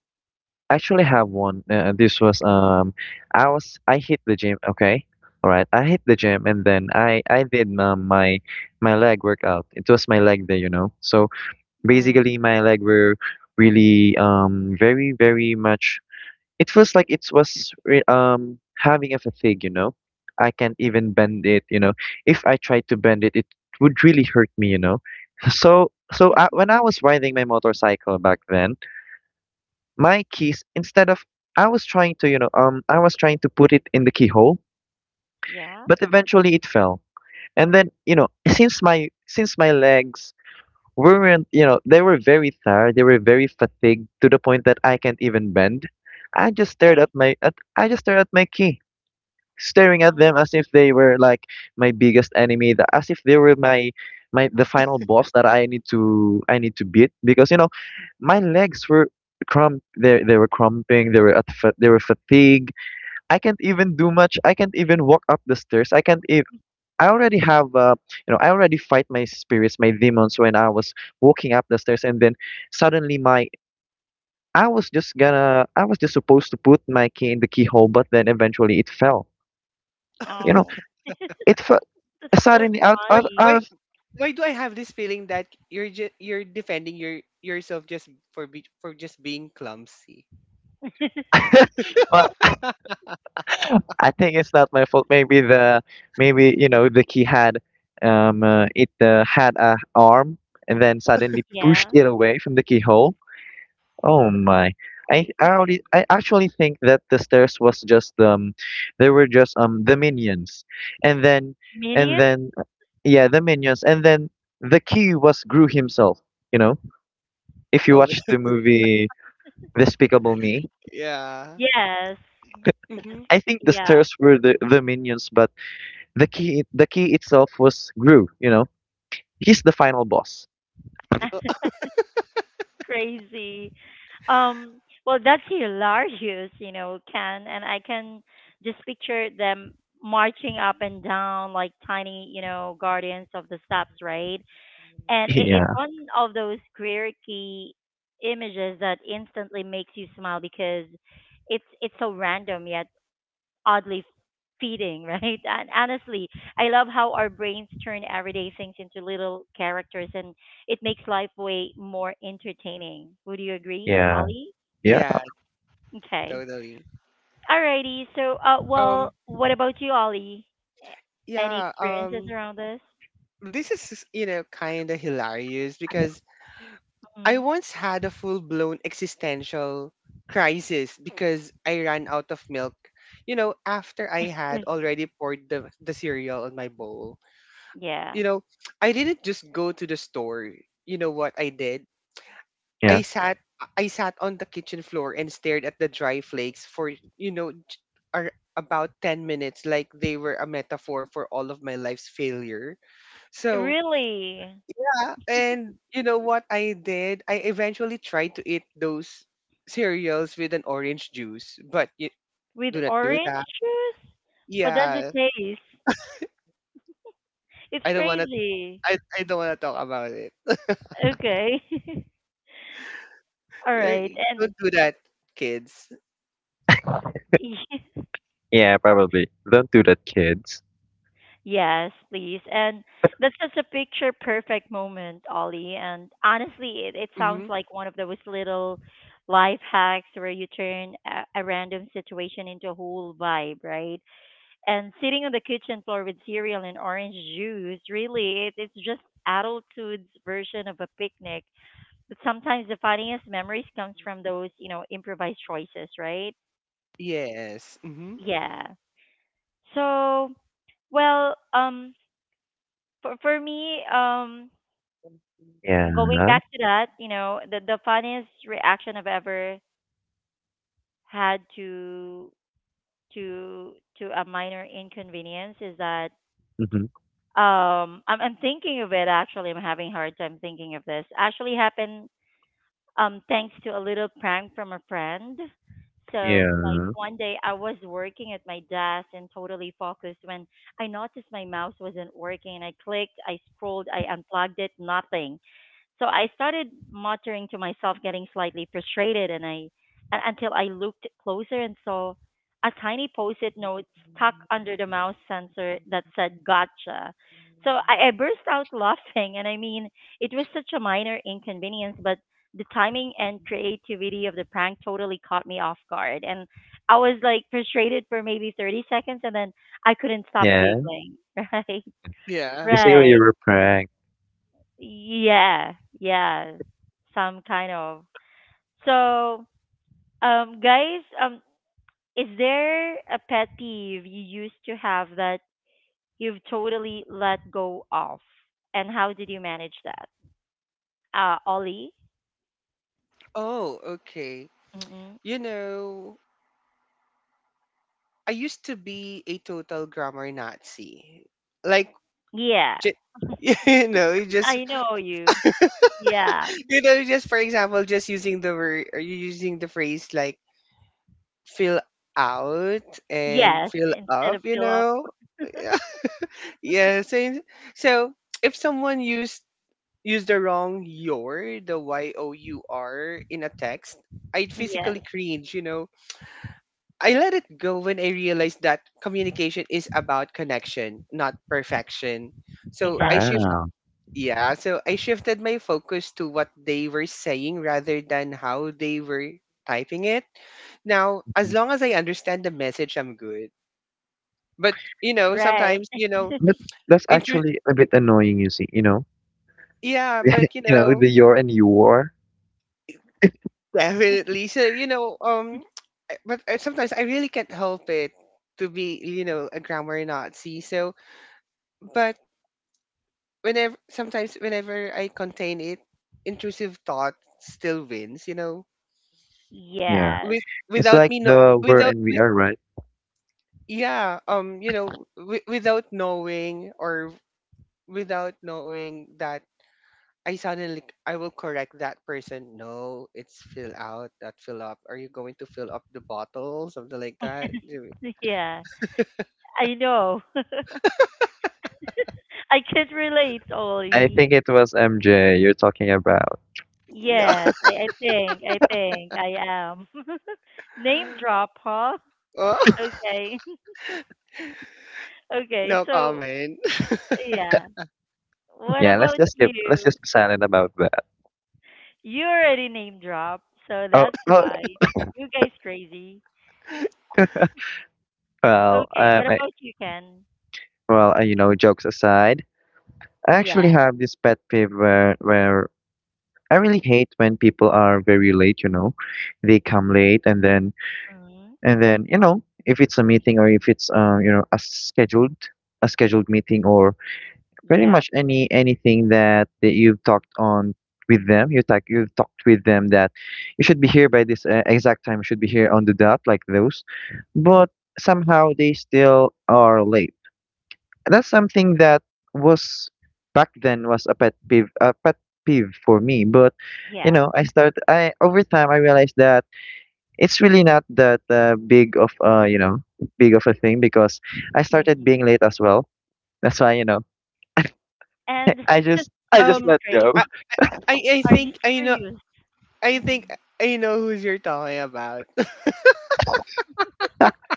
Speaker 2: Actually have one. This was I was, I hit the gym. Okay, all right. I hit the gym and then I did my my leg workout. It was my leg day, you know. So
Speaker 1: Mm,
Speaker 2: basically, my leg were really very very much. It feels like it was re having a fatigue, you know. I can't even bend it, you know. If I tried to bend it, it would really hurt me, you know. So so I, when I was riding my motorcycle back then, my keys, instead of, I was trying to, you know, I was trying to put it in the keyhole,
Speaker 1: yeah,
Speaker 2: but eventually it fell. And then, you know, since my legs weren't, you know, they were very tired, they were very fatigued, to the point that I can't even bend. I just stared at
Speaker 1: right?
Speaker 2: my, at I just stared at my key, staring at
Speaker 1: Mm,
Speaker 2: them as if they were like my biggest enemy, as if they were my the final boss that I need to beat, because you know my legs were crump they were crumping, they were at they were fatigued. I can't even do much, I can't even walk up the stairs, I can't even, I already have you know, I already fight my spirits, my demons, when I was walking up the stairs, and then suddenly my, I was just supposed to put my key in the keyhole, but then eventually it fell, you know.
Speaker 1: oh. [laughs]
Speaker 2: it fe-
Speaker 1: That's so
Speaker 2: Suddenly,
Speaker 3: Why,
Speaker 2: out
Speaker 1: funny.
Speaker 3: why,
Speaker 2: of,
Speaker 3: why do I have this feeling that you're defending yourself just for just being clumsy?
Speaker 1: [laughs]
Speaker 2: [laughs] well, I think it's not my fault. Maybe the, maybe you know the key had it had a arm and then suddenly pushed
Speaker 1: yeah.
Speaker 2: it away from the keyhole. Oh my.
Speaker 1: Wait.
Speaker 2: I already, I actually think that the stairs was just they were just the minions, and then, and
Speaker 1: Minion?
Speaker 2: then uh, yeah, the minions, and then the key was Gru himself, you know, if you
Speaker 3: Oh,
Speaker 2: watch the movie Despicable Me.
Speaker 3: [laughs] yeah.
Speaker 1: Yes. But this—
Speaker 3: Mm-hmm.
Speaker 2: I think the
Speaker 1: Yeah.
Speaker 2: stairs were the minions, but the key, the key itself was Gru, you know. He's the final boss.
Speaker 1: [laughs] crazy. Um, well, that's
Speaker 2: [laughs]
Speaker 1: hilarious, you know, Ken. And I can just picture them marching up and down like tiny, you know, guardians of the steps, right? And it's
Speaker 2: Yeah.
Speaker 1: one of those quirky images that instantly makes you smile because it's so random yet oddly feeding, [laughs] right? And honestly, I love how our brains turn everyday things into little characters, and it makes life way more entertaining. Would you agree,
Speaker 2: Yeah.
Speaker 1: Ollie?
Speaker 2: Yeah,
Speaker 3: Yeah,
Speaker 1: Okay.
Speaker 3: totally.
Speaker 1: Alrighty. So,
Speaker 3: Um,
Speaker 1: well, what about you, Ollie? A- Any
Speaker 3: yeah.
Speaker 1: experiences around this?
Speaker 3: This is, kind of hilarious, because I
Speaker 1: Hmm
Speaker 3: once had a full-blown existential crisis because I ran out of milk, after I had already poured the cereal on my bowl. You
Speaker 1: Yeah.
Speaker 3: know, I didn't just go to the store. You know what I did?
Speaker 2: yeah.
Speaker 3: I sat I sat on the kitchen floor and stared at the dry flakes for, about 10 minutes, like they were a metaphor for all of my life's failure. So,
Speaker 1: Really?
Speaker 3: yeah. And you know what I did? I eventually tried to eat those cereals with an orange juice, but you
Speaker 1: With
Speaker 3: do not do
Speaker 1: orange
Speaker 3: that.
Speaker 1: juice? What does it
Speaker 3: Yeah,
Speaker 1: taste? It's
Speaker 3: I don't want to.
Speaker 1: crazy.
Speaker 3: I don't want to talk about it.
Speaker 1: Okay. [laughs] All right.
Speaker 3: Don't do that, kids.
Speaker 1: And [laughs]
Speaker 2: Yeah, probably. Don't do that, kids.
Speaker 1: yes, please. And that's such a picture perfect moment, Ollie. And honestly, it sounds
Speaker 3: Hmm.
Speaker 1: like one of those little life hacks where you turn a random situation into a whole vibe, right? And sitting on the kitchen floor with cereal and orange juice, really, it's just adulthood's version of a picnic. But sometimes the funniest memories comes from those, you know, improvised choices, right?
Speaker 3: Yes. Hmm.
Speaker 1: Yeah. So, well, for me, going
Speaker 2: Yeah.
Speaker 1: back to that, you know, the funniest reaction I've ever had to a minor inconvenience is that
Speaker 2: Hmm.
Speaker 1: I'm thinking of it actually. I'm having a hard time thinking of this. Actually happened thanks to a little prank from a friend. So like
Speaker 2: Yeah.
Speaker 1: one day I was working at my desk and totally focused when I noticed my mouse wasn't working. I clicked, I scrolled, I unplugged it, nothing. So I started muttering to myself, getting slightly frustrated, and until I looked closer and saw a tiny post-it note stuck under the mouse sensor that said "Gotcha." So I burst out [laughs] laughing, and it was such a minor inconvenience, but the timing and creativity of the prank totally caught me off guard, and I was like frustrated for maybe 30 seconds, and then I couldn't stop
Speaker 2: Yeah.
Speaker 1: giggling. [laughs]
Speaker 3: Yeah.
Speaker 2: We say
Speaker 1: Right,
Speaker 2: you
Speaker 1: right.
Speaker 2: were pranked.
Speaker 1: Yeah, yeah, some kind of. So, guys, is there a pet peeve you used to have that you've totally let go of, and how did you manage that? Ollie.
Speaker 3: Oh, okay.
Speaker 1: Mm-mm.
Speaker 3: You know, I used to be a total grammar Nazi. Like,
Speaker 1: Yeah,
Speaker 3: j [laughs] you know, you just
Speaker 1: I know you. Yeah.
Speaker 3: you know, just for example, just using the word, or you using the phrase like fill out and
Speaker 1: Yes,
Speaker 3: fill
Speaker 1: instead
Speaker 3: up,
Speaker 1: of
Speaker 3: you
Speaker 1: fill up.
Speaker 3: know? [laughs] Yeah, so, if someone used the wrong your, the your in a text, I'd physically
Speaker 1: Yes,
Speaker 3: cringe. I let it go when I realized that communication is about connection, not perfection. So I shift
Speaker 1: exactly.
Speaker 2: Wow.
Speaker 3: yeah, so I shifted my focus to what they were saying rather than how they were typing it. Now,
Speaker 2: Mhm.
Speaker 3: as long as I understand the message, I'm good. But, you know,
Speaker 1: Right.
Speaker 3: sometimes you
Speaker 1: [laughs]
Speaker 3: know,
Speaker 2: But that's
Speaker 3: intro.
Speaker 2: actually a bit annoying, you see, you know?
Speaker 3: Yeah,
Speaker 2: [laughs]
Speaker 3: but, you
Speaker 2: You know,
Speaker 3: know,
Speaker 2: the your and your.
Speaker 3: definitely. So, but I, sometimes I really can't help it to be, a grammar Nazi. So, but whenever I contain it, intrusive thought still wins. You know,
Speaker 2: Yeah.
Speaker 1: Yes.
Speaker 3: with
Speaker 2: It's
Speaker 3: without
Speaker 2: like
Speaker 3: me no
Speaker 2: the Were
Speaker 3: without
Speaker 2: and We
Speaker 3: with,
Speaker 2: Are, right?
Speaker 3: yeah, without knowing that I, suddenly, I will correct that person. No, it's fill out, not fill up. Are you going to fill up the bottle? Something like that.
Speaker 1: [laughs] Yeah, I know. [laughs] I can relate,
Speaker 2: I
Speaker 1: Ollie.
Speaker 2: think it was MJ you're talking about.
Speaker 3: No. [laughs]
Speaker 1: Yes, I think I am. [laughs] Name drop, huh?
Speaker 3: Oh, [laughs]
Speaker 1: Okay. [laughs] Okay,
Speaker 3: no
Speaker 1: so
Speaker 3: comment.
Speaker 1: yeah. What
Speaker 2: Yeah, let's
Speaker 1: about
Speaker 2: just keep, let's
Speaker 1: you?
Speaker 2: just be silent about that.
Speaker 1: You already name drop, so
Speaker 2: Oh,
Speaker 1: that's
Speaker 2: oh.
Speaker 1: fine.
Speaker 2: [coughs]
Speaker 1: You guys crazy.
Speaker 2: [laughs] well,
Speaker 1: Okay,
Speaker 2: um,
Speaker 1: what
Speaker 2: I,
Speaker 1: about you, Ken?
Speaker 2: well, you know, jokes aside, I
Speaker 1: Yeah.
Speaker 2: actually have this pet peeve where, I really hate when people are very late. You know, they come late, and then,
Speaker 1: Mm-hmm.
Speaker 2: and then you know, if it's a meeting or if it's you know, a scheduled meeting, or pretty
Speaker 1: Yeah.
Speaker 2: much any, anything that, that you've talked on with them, you've talked with them, that you should be here by this exact time, you should be here on the dot, like those. But somehow they still are late. That's something that was, back then was a pet peeve, for me. But you
Speaker 1: Yeah.
Speaker 2: know, I start I over time I realized that it's really not that big of you know, big of a thing, because I started
Speaker 1: hmm
Speaker 2: being late as well. That's why you know,
Speaker 1: And [laughs]
Speaker 2: I just
Speaker 1: it's
Speaker 3: Um
Speaker 2: let go.
Speaker 3: I,
Speaker 1: crazy.
Speaker 3: I I
Speaker 1: Are you
Speaker 3: think I know
Speaker 1: serious?
Speaker 3: I
Speaker 1: Mm.
Speaker 3: think I know who's you're talking about.
Speaker 2: [laughs]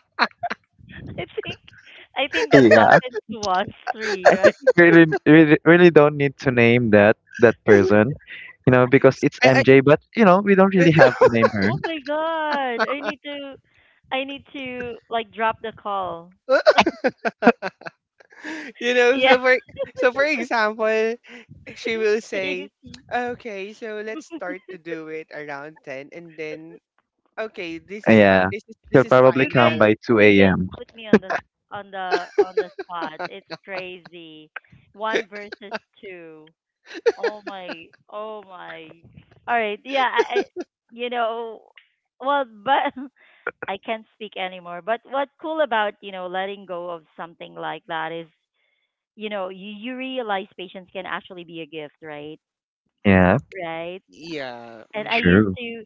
Speaker 1: [laughs] I think I think that
Speaker 2: Yeah,
Speaker 1: happened to us three,
Speaker 2: I
Speaker 1: right?
Speaker 2: think really, really, really don't need to name that that
Speaker 3: [laughs]
Speaker 2: person, you know, because it's
Speaker 3: I
Speaker 2: MJ. But you know, we don't really have to
Speaker 3: [laughs]
Speaker 2: name her.
Speaker 1: Oh my god. I need to like drop the call.
Speaker 3: you
Speaker 1: [laughs]
Speaker 3: know,
Speaker 1: Yeah.
Speaker 3: so for so for example,
Speaker 1: [laughs]
Speaker 3: she
Speaker 1: It's
Speaker 3: will say,
Speaker 1: crazy.
Speaker 3: "Okay, so let's start to do it around 10, and then, okay, this is fi-
Speaker 2: Yeah,
Speaker 3: this is
Speaker 2: she'll
Speaker 3: this is
Speaker 2: probably
Speaker 1: You
Speaker 2: come
Speaker 3: final."
Speaker 1: guys
Speaker 2: by two
Speaker 1: you guys
Speaker 2: a.m.
Speaker 1: put me on the on the spot. It's crazy. One versus two. Oh my oh my. All right. Yeah, I you know well but [laughs] I can't speak anymore. But what's cool about, you know, letting go of something like that is you know, you realize patience can actually be a gift, right?
Speaker 2: Yeah,
Speaker 1: Right?
Speaker 3: Yeah.
Speaker 1: And I
Speaker 3: Mm-hmm.
Speaker 1: used
Speaker 2: true.
Speaker 1: to,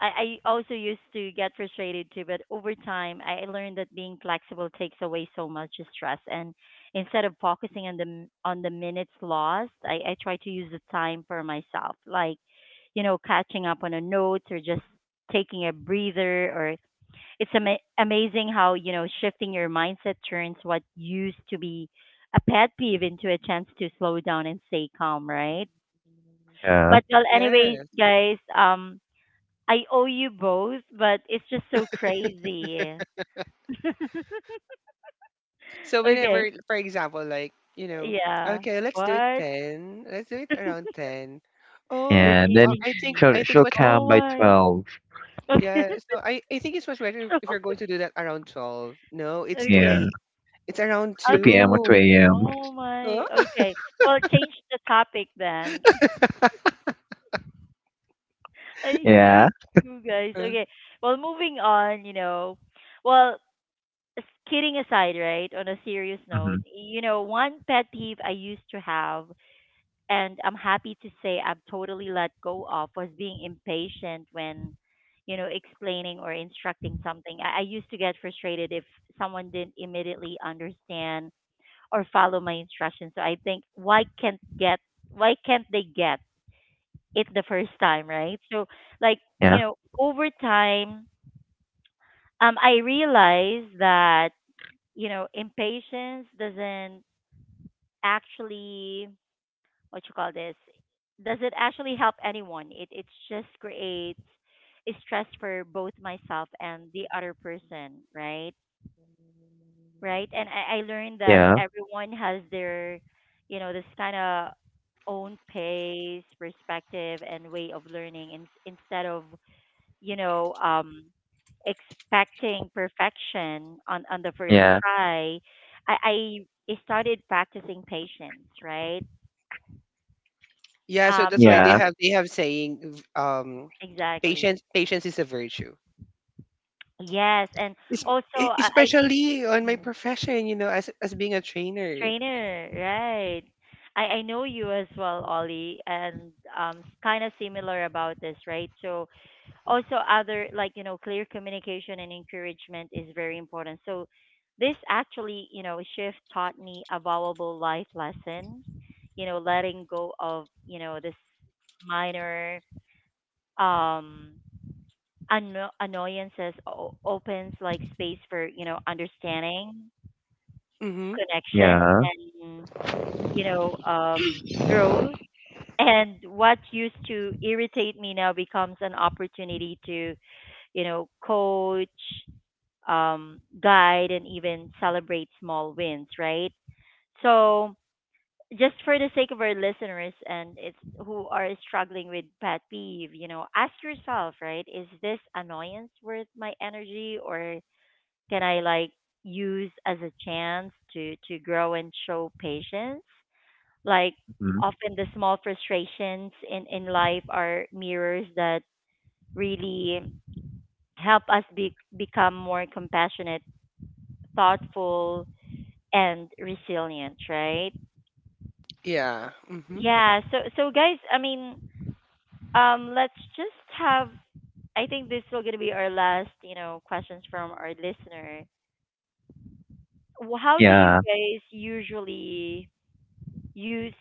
Speaker 1: I also used to get frustrated too, but over time, I learned that being flexible takes away so much stress. And instead of focusing on the on the minutes lost, I try to use the time for myself, like, you know, catching up on a note or just taking a breather. Or it's amazing how you know shifting your mindset turns what used to be a pet peeve into a chance to slow down and stay calm, right?
Speaker 2: Yeah, yeah.
Speaker 1: But well, anyways,
Speaker 3: Yeah.
Speaker 1: guys, I owe you both, but it's just so crazy. [laughs]
Speaker 3: So
Speaker 1: Okay.
Speaker 3: whenever, for example, like,
Speaker 1: Yeah.
Speaker 3: okay, let's do it
Speaker 1: What? [laughs]
Speaker 3: 10. Let's do it around 10.
Speaker 1: You're
Speaker 3: Oh,
Speaker 2: And then
Speaker 1: teasing
Speaker 3: I think,
Speaker 1: me.
Speaker 2: she'll,
Speaker 3: I think
Speaker 2: she'll come
Speaker 1: Oh
Speaker 2: by
Speaker 1: my.
Speaker 2: 12.
Speaker 1: [laughs] Okay.
Speaker 3: yeah. So I think it's much
Speaker 1: [laughs]
Speaker 3: better
Speaker 1: So,
Speaker 3: if you're going to do that around 12. No, it's 2
Speaker 2: Yeah,
Speaker 1: okay.
Speaker 3: a. It's around
Speaker 2: two
Speaker 1: I'm. s-
Speaker 2: p.m. or two
Speaker 3: 2.
Speaker 2: a.m.
Speaker 1: Oh my.
Speaker 3: Huh?
Speaker 1: Okay. Well, change the topic then. [laughs]
Speaker 3: [laughs]
Speaker 1: I
Speaker 2: Yeah.
Speaker 1: hate you guys.
Speaker 3: Uh,
Speaker 1: Okay. Well, moving on. You know. Well, s- kidding aside, right? On a serious
Speaker 2: Mm-hmm.
Speaker 1: note, you know, one pet peeve I used to have and I'm happy to say I've totally let go of was being impatient when, you know, explaining or instructing something. I used to get frustrated if someone didn't immediately understand or follow my instructions. So I think why can't get why can't they get it the first time, right? So like,
Speaker 2: Yeah.
Speaker 1: you know, over time, I realized that, you know, impatience doesn't actually what you call this does it actually help anyone? It just creates stress for both myself and the other person, right? Right. And I learned that
Speaker 2: Yeah.
Speaker 1: everyone has their you know this kind of own pace, perspective, and way of learning. And instead of you know um expecting perfection on the first
Speaker 2: Yeah.
Speaker 1: try, i i I started practicing patience, right?
Speaker 3: yeah, so
Speaker 1: Um,
Speaker 3: that's why
Speaker 1: and
Speaker 3: they
Speaker 2: Yeah.
Speaker 3: have, saying,
Speaker 1: exactly.
Speaker 3: patience is a virtue.
Speaker 1: Yes, and
Speaker 3: Es-
Speaker 1: also
Speaker 3: e-
Speaker 1: I think.
Speaker 3: Especially on my
Speaker 1: Mm.
Speaker 3: profession, as being a trainer.
Speaker 1: Trainer, right? I know you as well, Ollie, and kind of similar about this, right? So also other like you know clear communication and encouragement is very important. So this actually you know shift taught me a valuable life lesson, you know, letting go of you know this minor, um annoyances opens like space for you know understanding,
Speaker 3: Mm-hmm.
Speaker 1: connection,
Speaker 2: Yeah.
Speaker 1: and you know growth. And what used to irritate me now becomes an opportunity to you know coach, guide, and even celebrate small wins. Right. So just for the sake of our listeners and it's who are struggling with pet peeve, you know, ask yourself, right? Is this annoyance worth my energy, or can I like use as a chance to grow and show patience? Like
Speaker 2: Mm-hmm.
Speaker 1: often the small frustrations in life are mirrors that really help us be, become more compassionate, thoughtful, and resilient, right?
Speaker 3: Yeah. Hmm.
Speaker 1: Yeah, so so guys, I mean, let's just have I think this will gonna be our last, you know, questions from our listener. How do you
Speaker 2: Yeah.
Speaker 1: guys usually use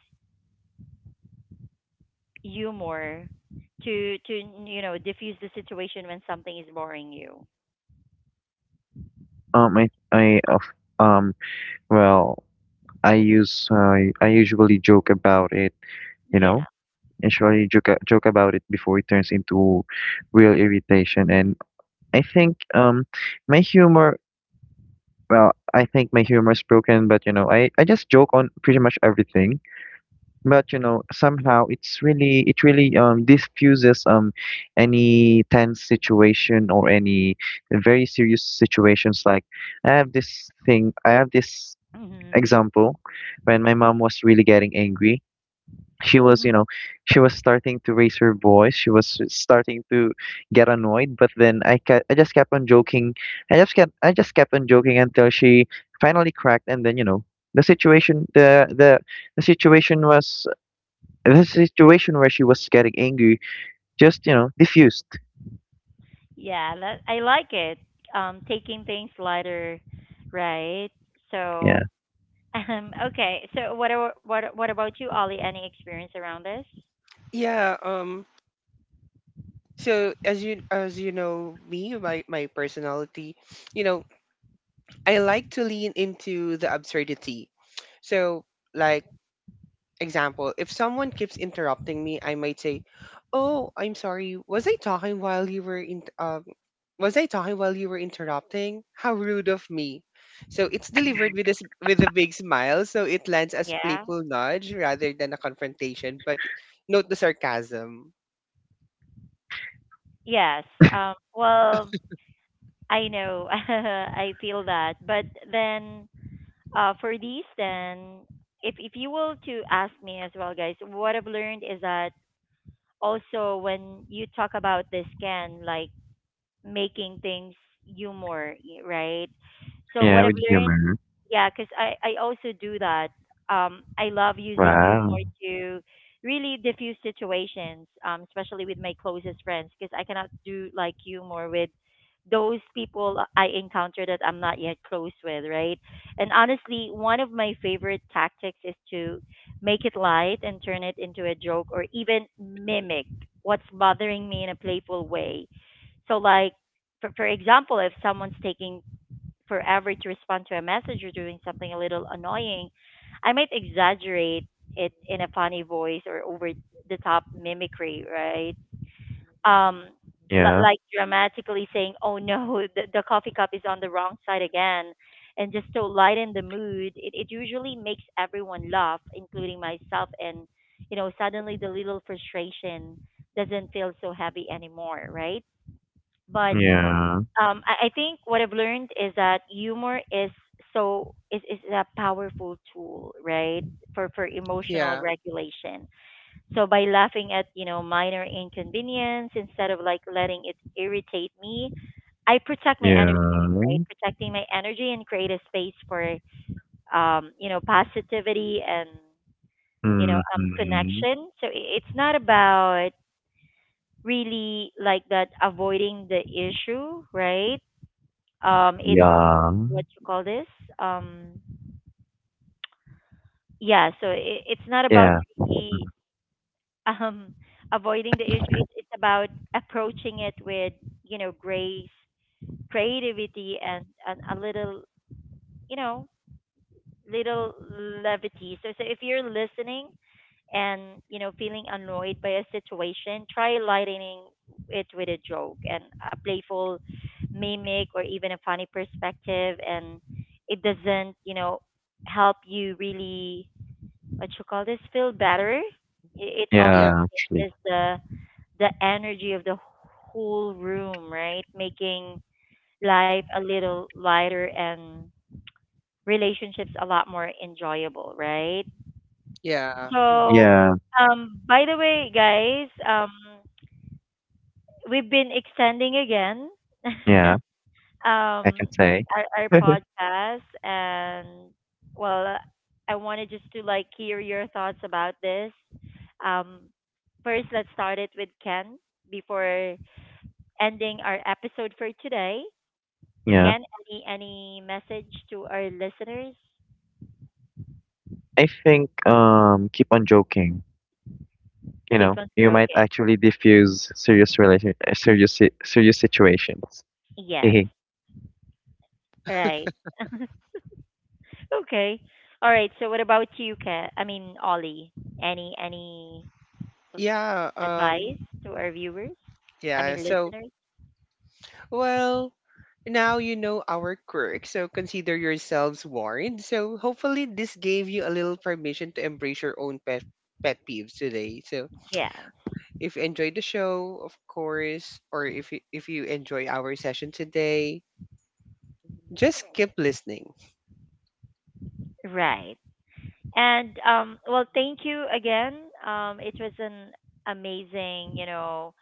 Speaker 1: humor to you know diffuse the situation when something is boring you?
Speaker 2: I of um. Well, I use, I usually joke about it, you know,
Speaker 1: Yeah.
Speaker 2: usually joke, joke about it before it turns into real irritation. And I think my humor, well, I think my humor is broken, but you know, I just joke on pretty much everything. But you know, somehow it's really, it really diffuses any tense situation or any very serious situations. Like I have this thing, I have this
Speaker 1: Mhm.
Speaker 2: example, when my mom was really getting angry, she was you
Speaker 1: Mhm.
Speaker 2: know, she was starting to raise her voice, she was starting to get annoyed, but then I just kept on joking, I just kept on joking until she finally cracked, and then you know, the situation the the the situation was, the situation where she was getting angry just you know diffused.
Speaker 1: Yeah, that I like it. Taking things lighter, right?
Speaker 2: Yeah.
Speaker 1: So, [laughs] okay. So, what about you, Ollie? Any experience around this?
Speaker 3: Yeah. So, as you know me, my personality, you know, I like to lean into the absurdity. So, like example, if someone keeps interrupting me, I might say, "Oh, I'm sorry. Was I talking while you were in? Was I talking while you were interrupting? How rude of me." So it's delivered
Speaker 1: Mhm.
Speaker 3: with a big smile, so it lands as
Speaker 1: Yeah.
Speaker 3: playful nudge rather than a confrontation. But note the sarcasm.
Speaker 1: Yes. Well, I know. [laughs] I feel that. But then, for these, then, if you will to ask me as well, guys, what I've learned is that also when you talk about this can like making things humor, right? So
Speaker 2: Yeah,
Speaker 1: what I've
Speaker 2: with
Speaker 1: learned,
Speaker 2: humor.
Speaker 1: yeah, because I also do that. I love using
Speaker 2: Wow.
Speaker 1: humor to really diffuse situations, especially with my closest friends, because I cannot do like humor with those people I encounter that I'm not yet close with, right? And honestly, one of my favorite tactics is to make it light and turn it into a joke or even mimic what's bothering me in a playful way. So like for example, if someone's taking forever to respond to a message or doing something a little annoying, I might exaggerate it in a funny voice or over the top mimicry, right? Um,
Speaker 2: Yeah.
Speaker 1: like dramatically saying, "Oh no, [laughs] the coffee cup is on the wrong side again." And just to lighten the mood, it usually makes everyone laugh, including myself. And, you know, suddenly the little frustration doesn't feel so heavy anymore, right? But
Speaker 2: Yeah.
Speaker 1: I think what I've learned is that humor is a powerful tool, right, for emotional
Speaker 3: Yeah.
Speaker 1: regulation. So by laughing at you know minor inconvenience instead of like letting it irritate me, I protect my
Speaker 2: Yeah.
Speaker 1: energy, right? Protecting my energy and create a space for you know positivity and you know
Speaker 2: Mm-hmm.
Speaker 1: connection. So it's not about really like that avoiding the issue, right? Um, it's
Speaker 2: Yeah.
Speaker 1: what you call this um yeah so it's not about
Speaker 2: Yeah.
Speaker 1: really [laughs] um avoiding the issue. It's about approaching it with you know grace, creativity, and a little you know little levity. So so if you're listening and you know feeling annoyed by a situation, try lightening it with a joke and a playful mimic or even a funny perspective. And it doesn't you know help you really what you call this feel better, it often
Speaker 3: Yeah,
Speaker 2: Yeah. Actually.
Speaker 1: changes the energy of the whole room, right, making life a little lighter and relationships a lot more enjoyable, right?
Speaker 3: yeah. Hmm.
Speaker 1: So,
Speaker 2: Yeah.
Speaker 1: by the way, guys, we've been extending again, [laughs]
Speaker 2: Yeah. I can
Speaker 1: um,
Speaker 2: say.
Speaker 1: our podcast, and well, I wanted just to like hear your thoughts about this. Um, first, let's start it with Ken before ending our episode for today.
Speaker 2: Yeah.
Speaker 1: Ken, any message to our listeners?
Speaker 2: I think keep on joking. You know,
Speaker 1: Keep on
Speaker 2: you might
Speaker 1: joking.
Speaker 2: actually diffuse serious relation serious serious situations.
Speaker 1: Yes,
Speaker 2: [laughs]
Speaker 1: right. [laughs] Okay. All right. So what about you, Kat? I mean, Ollie. Any
Speaker 3: Yeah.
Speaker 1: advice to our viewers? I
Speaker 3: Yeah.
Speaker 1: mean,
Speaker 3: So,
Speaker 1: listeners.
Speaker 3: well, now you know our quirk, so consider yourselves warned. So, hopefully, this gave you a little permission to embrace your own pet peeves today. So,
Speaker 1: Yeah.
Speaker 3: if you enjoyed the show, of course, or if you enjoy our session today, just keep listening.
Speaker 1: Right. And well, thank you again. It was an amazing, you know,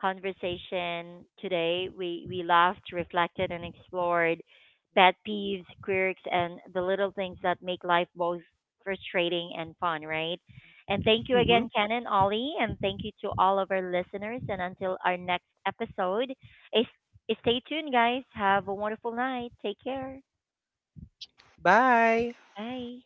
Speaker 1: conversation today. We laughed, reflected, and explored pet peeves, quirks, and the little things that make life both frustrating and fun, right? And thank you
Speaker 3: Hmm.
Speaker 1: again, Ken and Ollie, and thank you to all of our listeners. And until our next episode, is stay tuned, guys. Have a wonderful night. Take care.
Speaker 3: Bye.
Speaker 1: Bye.